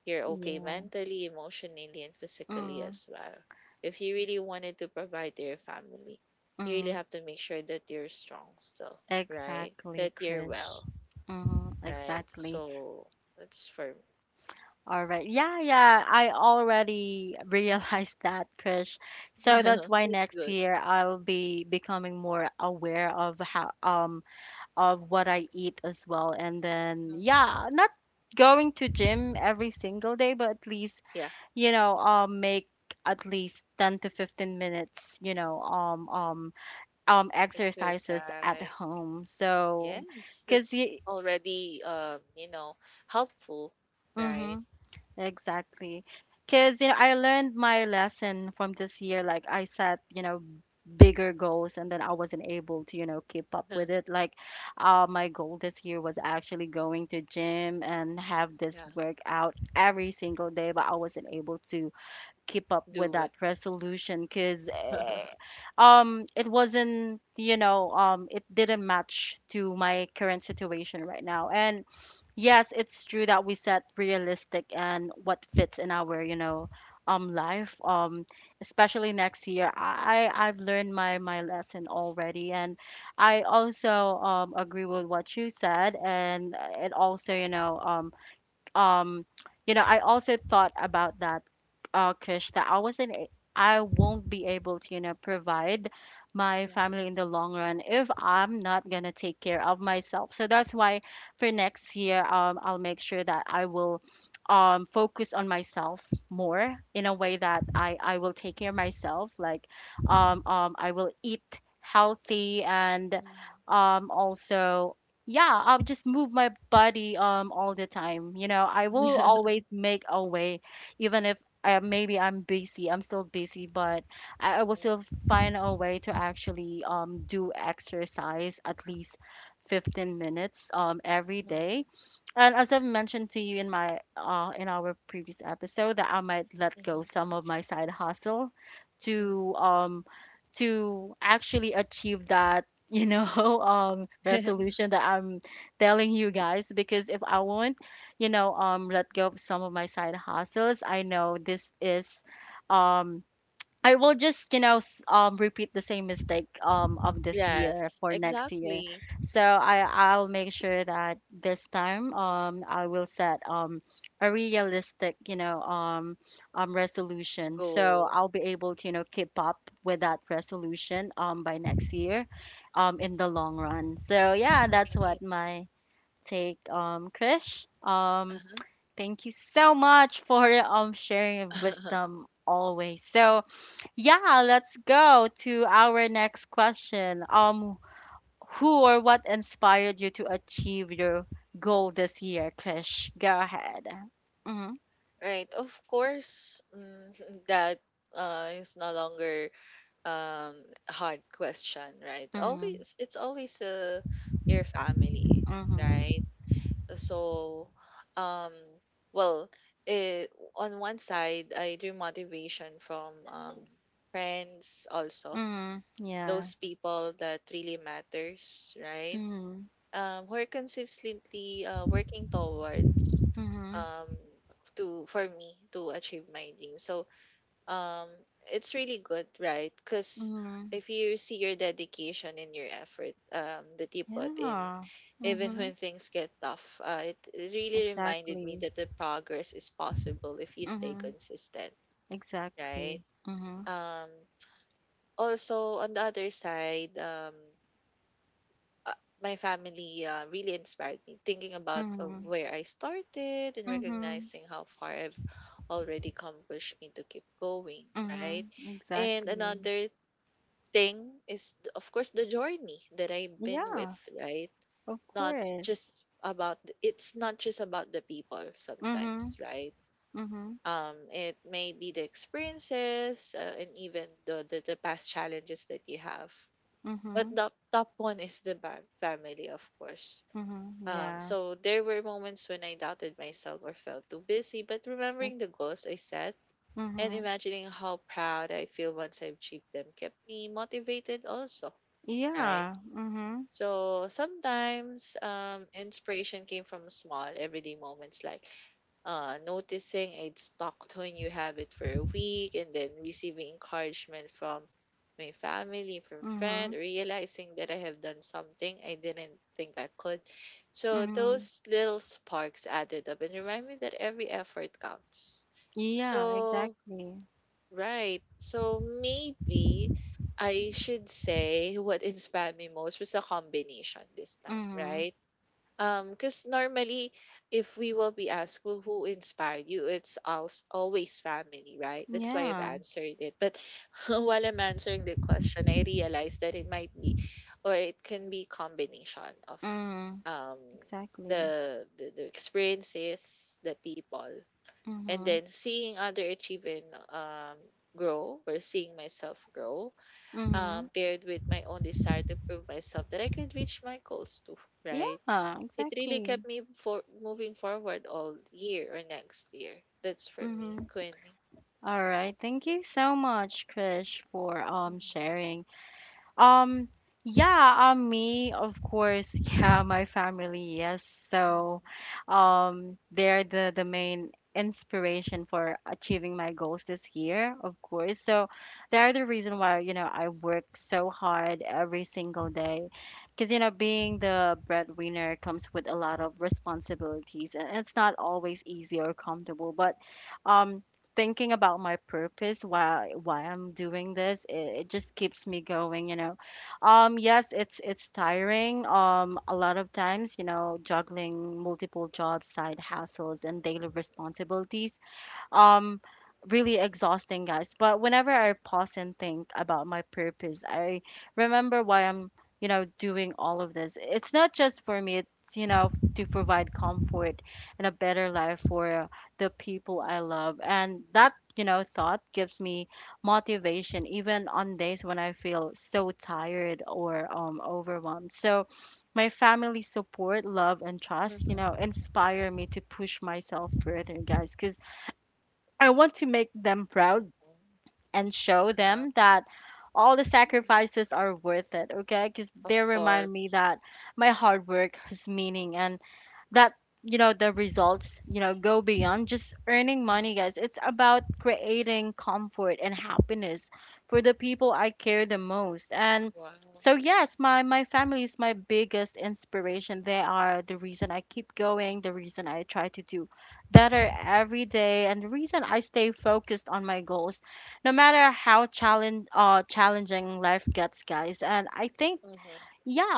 B: You're okay
A: yeah.
B: mentally, emotionally, and physically
A: Mm-hmm.
B: as well. If you really wanted to provide to your family, you really have to make sure that you're strong still, right?
A: Exactly,
B: That you're
A: Krish.
B: well,
A: Hmm,
B: right?
A: exactly.
B: So that's for me.
A: All right. Yeah, yeah. I already realized that, Krish. So that's why
B: That's
A: next
B: good.
A: year I'll be becoming more aware of how um of what I eat as well. And then
B: Mhm.
A: yeah, not going to gym every single day, but at least,
B: Yeah.
A: you know, um make at least ten to fifteen minutes, you know, um um um exercises at
B: Exercise.
A: home. So
B: Yes,
A: because
B: that's already um, you know, helpful, right?
A: you Exactly. Because, you know, I learned my lesson from this year. Like, I set, you know, bigger goals and then I wasn't able to, you know, keep up with it. Like, uh, my goal this year was actually going to gym and have this
B: Yeah,
A: workout every single day, but I wasn't able to keep up with
B: do
A: that
B: it.
A: resolution, because um it wasn't you know um it didn't match to my current situation right now. And yes, it's true that we set realistic and what fits in our, you know, um life, um especially next year. i I- I've learned my my lesson already, and I also um agree with what you said. And it also, you know, um um you know, I also thought about that, uh Krish, that I wasn't a- I won't be able to, you know, provide my
B: Mhm,
A: family in the long run if I'm not gonna take care of myself. So that's why for next year, um I'll make sure that I will um focus on myself more, in a way that i i will take care of myself, like um um I will eat healthy. And
B: mhm.
A: um also, yeah, I'll just move my body um all the time. You know, I will always make a way, even if, uh, maybe I'm busy, I'm still busy, but I, I will still find a way to actually um do exercise at least fifteen minutes um every
B: Mhm,
A: day.
B: mhm,
A: And as I've mentioned to you in my uh in our previous episode, that I might let
B: mhm,
A: go some of my side hustle
B: mhm.
A: to um to actually achieve that, you know, um resolution that I'm telling you guys, because if I won't, you know, um let go of some of my side hustles, I know this is um I will just, you know, s- um, repeat the same mistake um of this year
B: Yes,
A: for next year.
B: exactly.
A: So I I'll make sure that this time um I will set um a realistic, you know, um um resolution. So
B: Goal.
A: I'll be able to, you know, keep up with that resolution um by next year, um in the long run. So yeah, that's what
B: Right.
A: my take, um, Krish. Um,
B: Uh-huh.
A: thank you so much for um sharing your wisdom always. So yeah, let's go to our next question. Um, who or what inspired you to achieve your goal this year, Krish? Go ahead. Mm-hmm.
B: Right. Of course, mm, that uh, is no longer um a hard question, right?
A: Mm-hmm.
B: Always, it's always uh, your family,
A: Mm-hmm.
B: right? So, um, well, eh, on one side, I drew motivation from um, friends also,
A: Mm-hmm. Yeah.
B: those people that really matters, right?
A: Mm-hmm.
B: Um, who are consistently uh, working towards
A: Mm-hmm.
B: um to for me to achieve my dream. So um it's really good, right? Because
A: Mm-hmm.
B: if you see your dedication and your effort um that you put in
A: Yeah.
B: even
A: Mm-hmm.
B: when things get tough, uh, it, it really reminded me
A: Exactly.
B: that the progress is possible if you stay
A: Mm-hmm.
B: consistent, right?
A: Exactly. Mm-hmm.
B: um Also on the other side, um uh, my family uh, really inspired me, thinking about uh,
A: Mm-hmm.
B: where I started and
A: Mm-hmm.
B: recognizing how far I've already accomplished me to keep going, right?
A: Mm-hmm.
B: And
A: Exactly.
B: another thing is th- of course the journey that I've been with,
A: Yeah,
B: right?
A: of
B: Not
A: course.
B: just about th- it's not just about the people
A: Mm-hmm.
B: sometimes, right?
A: Mm-hmm.
B: Um, it may be the experiences uh, and even the, the the past challenges that you have. But
A: Mm-hmm.
B: the top one is the ba- family, of course.
A: Mhm,
B: Um,
A: yeah.
B: so there were moments when I doubted myself or felt too busy, but
A: That
B: remembering the goals I set and
A: mhm.
B: imagining how proud I feel once I achieved them kept me motivated also, right?
A: Yeah. Mhm.
B: So sometimes um, inspiration came from small everyday moments like uh, noticing a stock when you have it for a week and then receiving encouragement from my family, from friend,
A: Mhm.
B: realizing that I have done something I didn't think I could. So
A: Mhm.
B: those little sparks added up and remind me that every effort counts.
A: Yeah,
B: So
A: exactly.
B: right. So maybe I should say what inspired me most was a combination this time,
A: Mhm.
B: right? Um, because normally if we will be asked, well, who inspired you, it's als- always family, right? That's why I've
A: Yeah.
B: answered it. But while I'm answering the question, I realized that it might be or it can be combination of
A: Mhm.
B: um
A: Exactly.
B: the the, the experiences, the people, and
A: Mhm.
B: then seeing other achieve and um grow, or seeing myself grow,
A: Mhm.
B: um paired with my own desire to prove myself that I could reach my goals too,
A: Yeah,
B: right? It really
A: exactly.
B: kept me for moving forward all year or next year. That's for me,
A: Mhm.
B: Quinn.
A: All right. Thank you so much, Krish, for um
B: Mm-hmm.
A: sharing. Um, yeah, um, me, of course, yeah, my family, yes. So, um, they're the the main inspiration for achieving my goals this year, of course. So, they're the reason why, you know, I work so hard every single day. Because, you know, being the breadwinner comes with a lot of responsibilities, and it's not always
B: Mm-hmm.
A: easy or comfortable, but um thinking about my purpose, why why I'm doing this, it, it just keeps me going, you know. Um yes, it's it's tiring, um a lot of times, you know, juggling multiple jobs, side hustles and daily responsibilities, um really exhausting, guys. But whenever I pause and think about my purpose, I remember why I'm, you know, doing all of this. It's not just for me, it's, you know, to provide comfort and a better life for the people I love. And that, you know, thought gives me motivation, even on days when I feel so tired or um overwhelmed. So my family support, love, and trust, you
B: Mm-hmm.
A: know, inspire me to push myself further, guys. Because I want to make them proud
B: Mm-hmm.
A: and show
B: Uh-huh.
A: them that all the
B: Mhm.
A: sacrifices are worth it, okay? Because
B: Of
A: they
B: course.
A: remind me that my hard work has meaning and that you know the results you know go beyond just earning money, guys.
B: Mm-hmm.
A: It's about creating comfort and happiness for the people I care the most. And
B: Wow.
A: so yes, my my family is my biggest inspiration. They are the reason I keep going, the reason I try to do better every day, and the reason I stay focused on my goals no matter how challenge uh challenging life gets, guys. And I think
B: Mm-hmm.
A: yeah,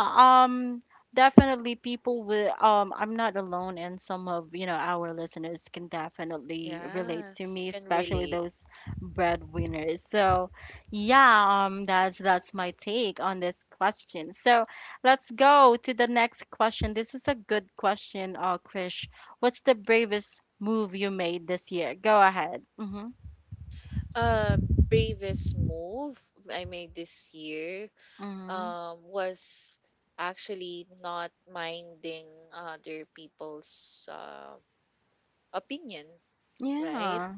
A: um, definitely people will, um, I'm not alone, and some of, you know, our listeners can definitely relate to
B: Yes,
A: me,
B: can
A: especially
B: relate.
A: those breadwinners. So, yeah, um, that's that's my take on this question. So, let's go to the next question. This is a good question, uh, Krish. What's the bravest move you made this year? Go ahead. Mm-hmm.
B: uh Bravest move I made this year
A: Mm-hmm.
B: um was actually not minding other people's um opinion, right?
A: Yeah.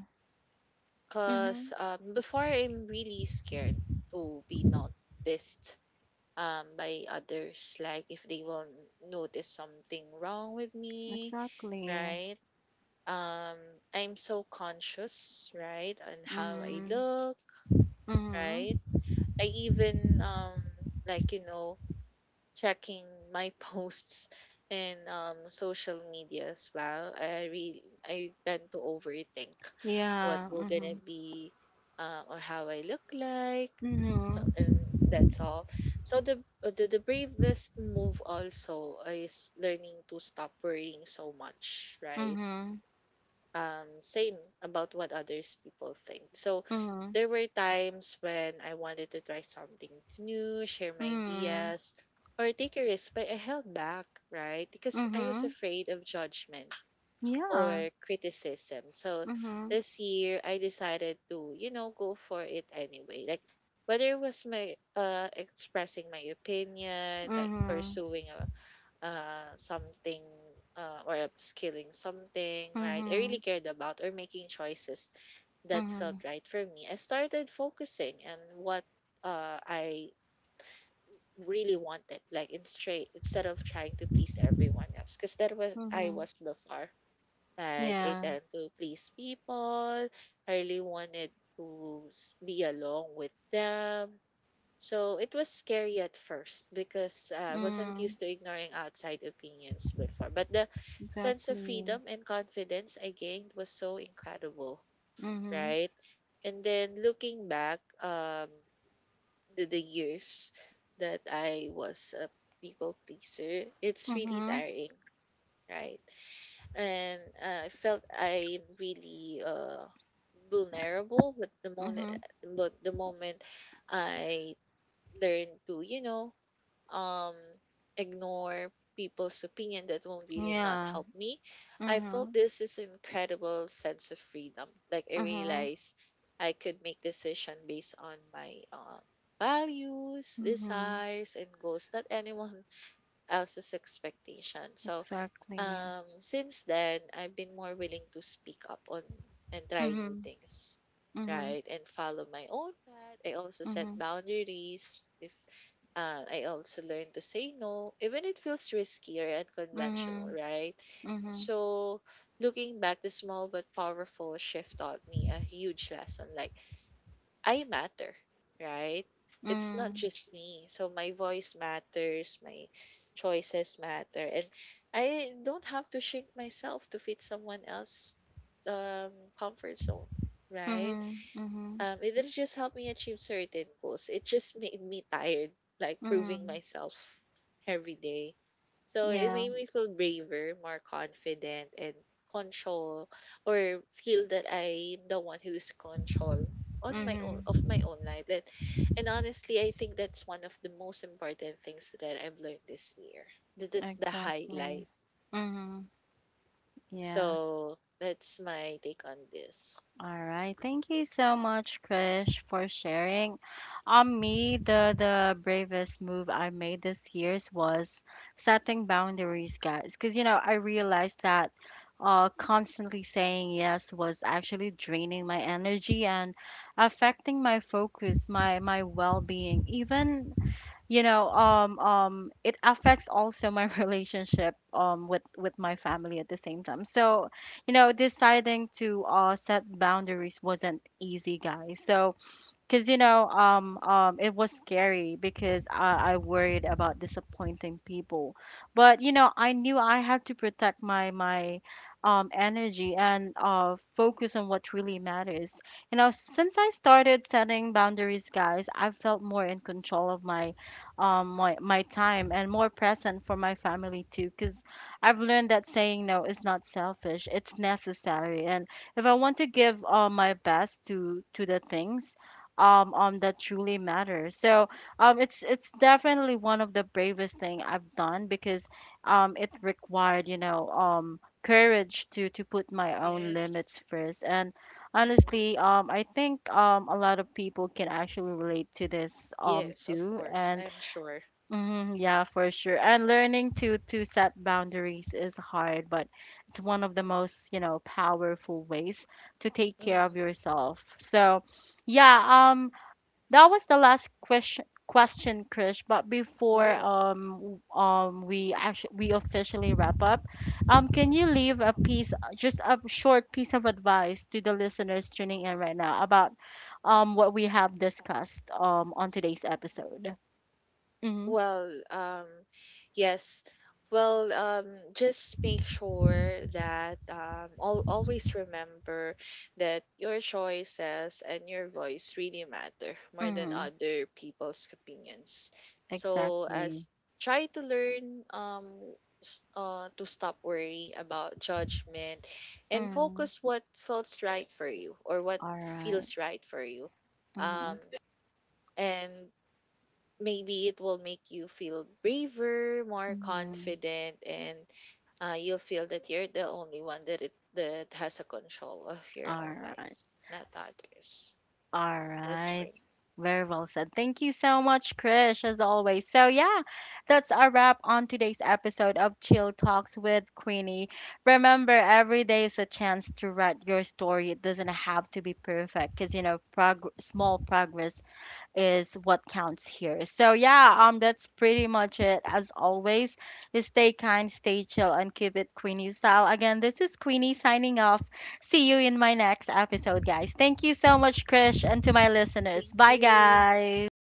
B: Because
A: Mm-hmm.
B: um, before I'm really scared to be noticed um, by others, like if they will notice something wrong with me,
A: Exactly.
B: right? Um, I'm so conscious, right, on how I
A: Mm-hmm.
B: look, right?
A: Mm-hmm.
B: I even um like you know checking my posts in um, social media as well. I really I tend to overthink what
A: Yeah,
B: will gonna
A: mhm.
B: be uh, or how I look like. So
A: Mhm.
B: and that's all. So the, the the bravest move also is learning to stop worrying so much, right?
A: Mhm.
B: Um same about what others people think. So
A: Mhm.
B: there were times when I wanted to try something new, share my
A: Mhm.
B: ideas, or take a risk, but I held back, right? Because I was
A: Mhm.
B: afraid of judgment
A: Yeah.
B: or criticism. So
A: Mhm.
B: this year I decided to, you know, go for it anyway, like whether it was my uh expressing my opinion, like
A: Mhm.
B: pursuing a uh something, uh, or upskilling something, right? I really
A: Mhm.
B: cared about or making choices that felt
A: Mhm.
B: right for me. I started focusing on what uh, I really wanted, like in straight, instead of trying to please everyone else, because that was I
A: Mhm.
B: was before. Like I
A: Yeah.
B: tend to please people. I really wanted to s- be along with them. So it was scary at first because uh, I wasn't used
A: Mm.
B: to ignoring outside opinions before. But the sense of freedom
A: Exactly.
B: and confidence I gained was so incredible,
A: Mhm.
B: right? And then looking back, um, the, the years that I was a people pleaser, it's really
A: Mhm.
B: tiring, right? And uh, I felt I'm really uh, vulnerable, but the moment,
A: Mhm.
B: but the moment I learned to, you know, um, ignore people's opinion that will really not
A: Yeah.
B: help me. I felt
A: Mhm.
B: this is incredible sense of freedom. Like I
A: Mhm.
B: realized I could make decision based on my um, values,
A: Mhm.
B: desires, and goals. Not anyone else's expectation. So,
A: Exactly.
B: um, since then, I've been more willing to speak up on and try new
A: Mhm.
B: things,
A: Mhm.
B: right? And follow my own path. I also set
A: Mhm.
B: boundaries. If uh, I also learn to say no, even it feels risky or unconventional,
A: Mhm.
B: right?
A: Mhm.
B: So, looking back, the small but powerful shift taught me a huge lesson. Like I matter, right? It's not
A: Mhm.
B: just me. So my voice matters, my choices matter, and I don't have to shrink myself to fit someone else's um, comfort zone, right?
A: Mhm. Mhm.
B: Um, it didn't just help me achieve certain goals. It just made me tired, like proving
A: Mhm.
B: myself every day. So it
A: Yeah.
B: made me feel braver, more confident, and control, or feel that I'm the one who is control on my own of
A: Mhm.
B: my own life. That, and honestly, I think that's one of the most important things that I've learned this year. That that's the
A: Exactly.
B: highlight.
A: Mhm. Yeah.
B: So that's my take on this.
A: All right. Thank you so much, Krish, for sharing. On me, the the bravest move I made this years was setting boundaries, guys. Because you know, I realized that uh, constantly saying yes was actually draining my energy and affecting my focus, my my well being, even you know um um it affects also my relationship um with with my family at the same time. So you know deciding to uh set boundaries wasn't easy, guys. So because you know, um, um, it was scary because I, I worried about disappointing people, but you know, I knew I had to protect my my um, energy and uh, focus on what really matters. You know, since I started setting boundaries, guys, I felt more in control of my um my my time and more present for my family too. Because I've learned that saying no is not selfish; it's necessary. And if I want to give uh, my best to to the things um um that truly matters. So um it's it's definitely one of the bravest thing I've done because um it required you know um courage to to put my own
B: Yes.
A: limits first. And honestly, um I think um a lot of people can actually relate to this um
B: Yes, of
A: too.
B: course,
A: And
B: I'm sure.
A: mhm, yeah, for sure. And learning to to set boundaries is hard, but it's one of the
B: Mm,
A: most, you know, powerful ways to take care of
B: mhm.
A: yourself. So yeah, um that was the last question question, Krish. But before
B: Oh,
A: um w- um we actually we officially wrap up, um can you leave a piece, just a short piece of advice to the listeners tuning in right now about um what we have discussed um on today's episode? Mm-hmm.
B: well, um, yes. Well, um, just make sure that um, al always remember that your choices and your voice really matter more than
A: Mm-hmm.
B: other people's opinions. So, as
A: Exactly.
B: try to learn, um, s- uh, to stop worry about judgment and
A: Mm.
B: focus what feels right for you or what
A: All right.
B: feels right for you.
A: Mm-hmm.
B: Um, and maybe it will make you feel braver, more
A: Mm-hmm.
B: confident, and uh, you'll feel that you're the only one that it, that has a control of your
A: All
B: own life,
A: right.
B: not others.
A: All
B: That's for
A: right.
B: me.
A: Very well said. Thank you so much, Krish, as always. So, yeah, that's a wrap on today's episode of Chill Talks with Queenie. Remember, every day is a chance to write your story. It doesn't have to be perfect because, you know, prog- small progress is what counts here. So yeah, um, that's pretty much it. As always, stay kind, stay chill, and keep it Queenie style. Again, this is Queenie signing off. See you in my next episode, guys. Thank you so much, Krish, and to my listeners.
B: Thank
A: Bye,
B: you.
A: guys.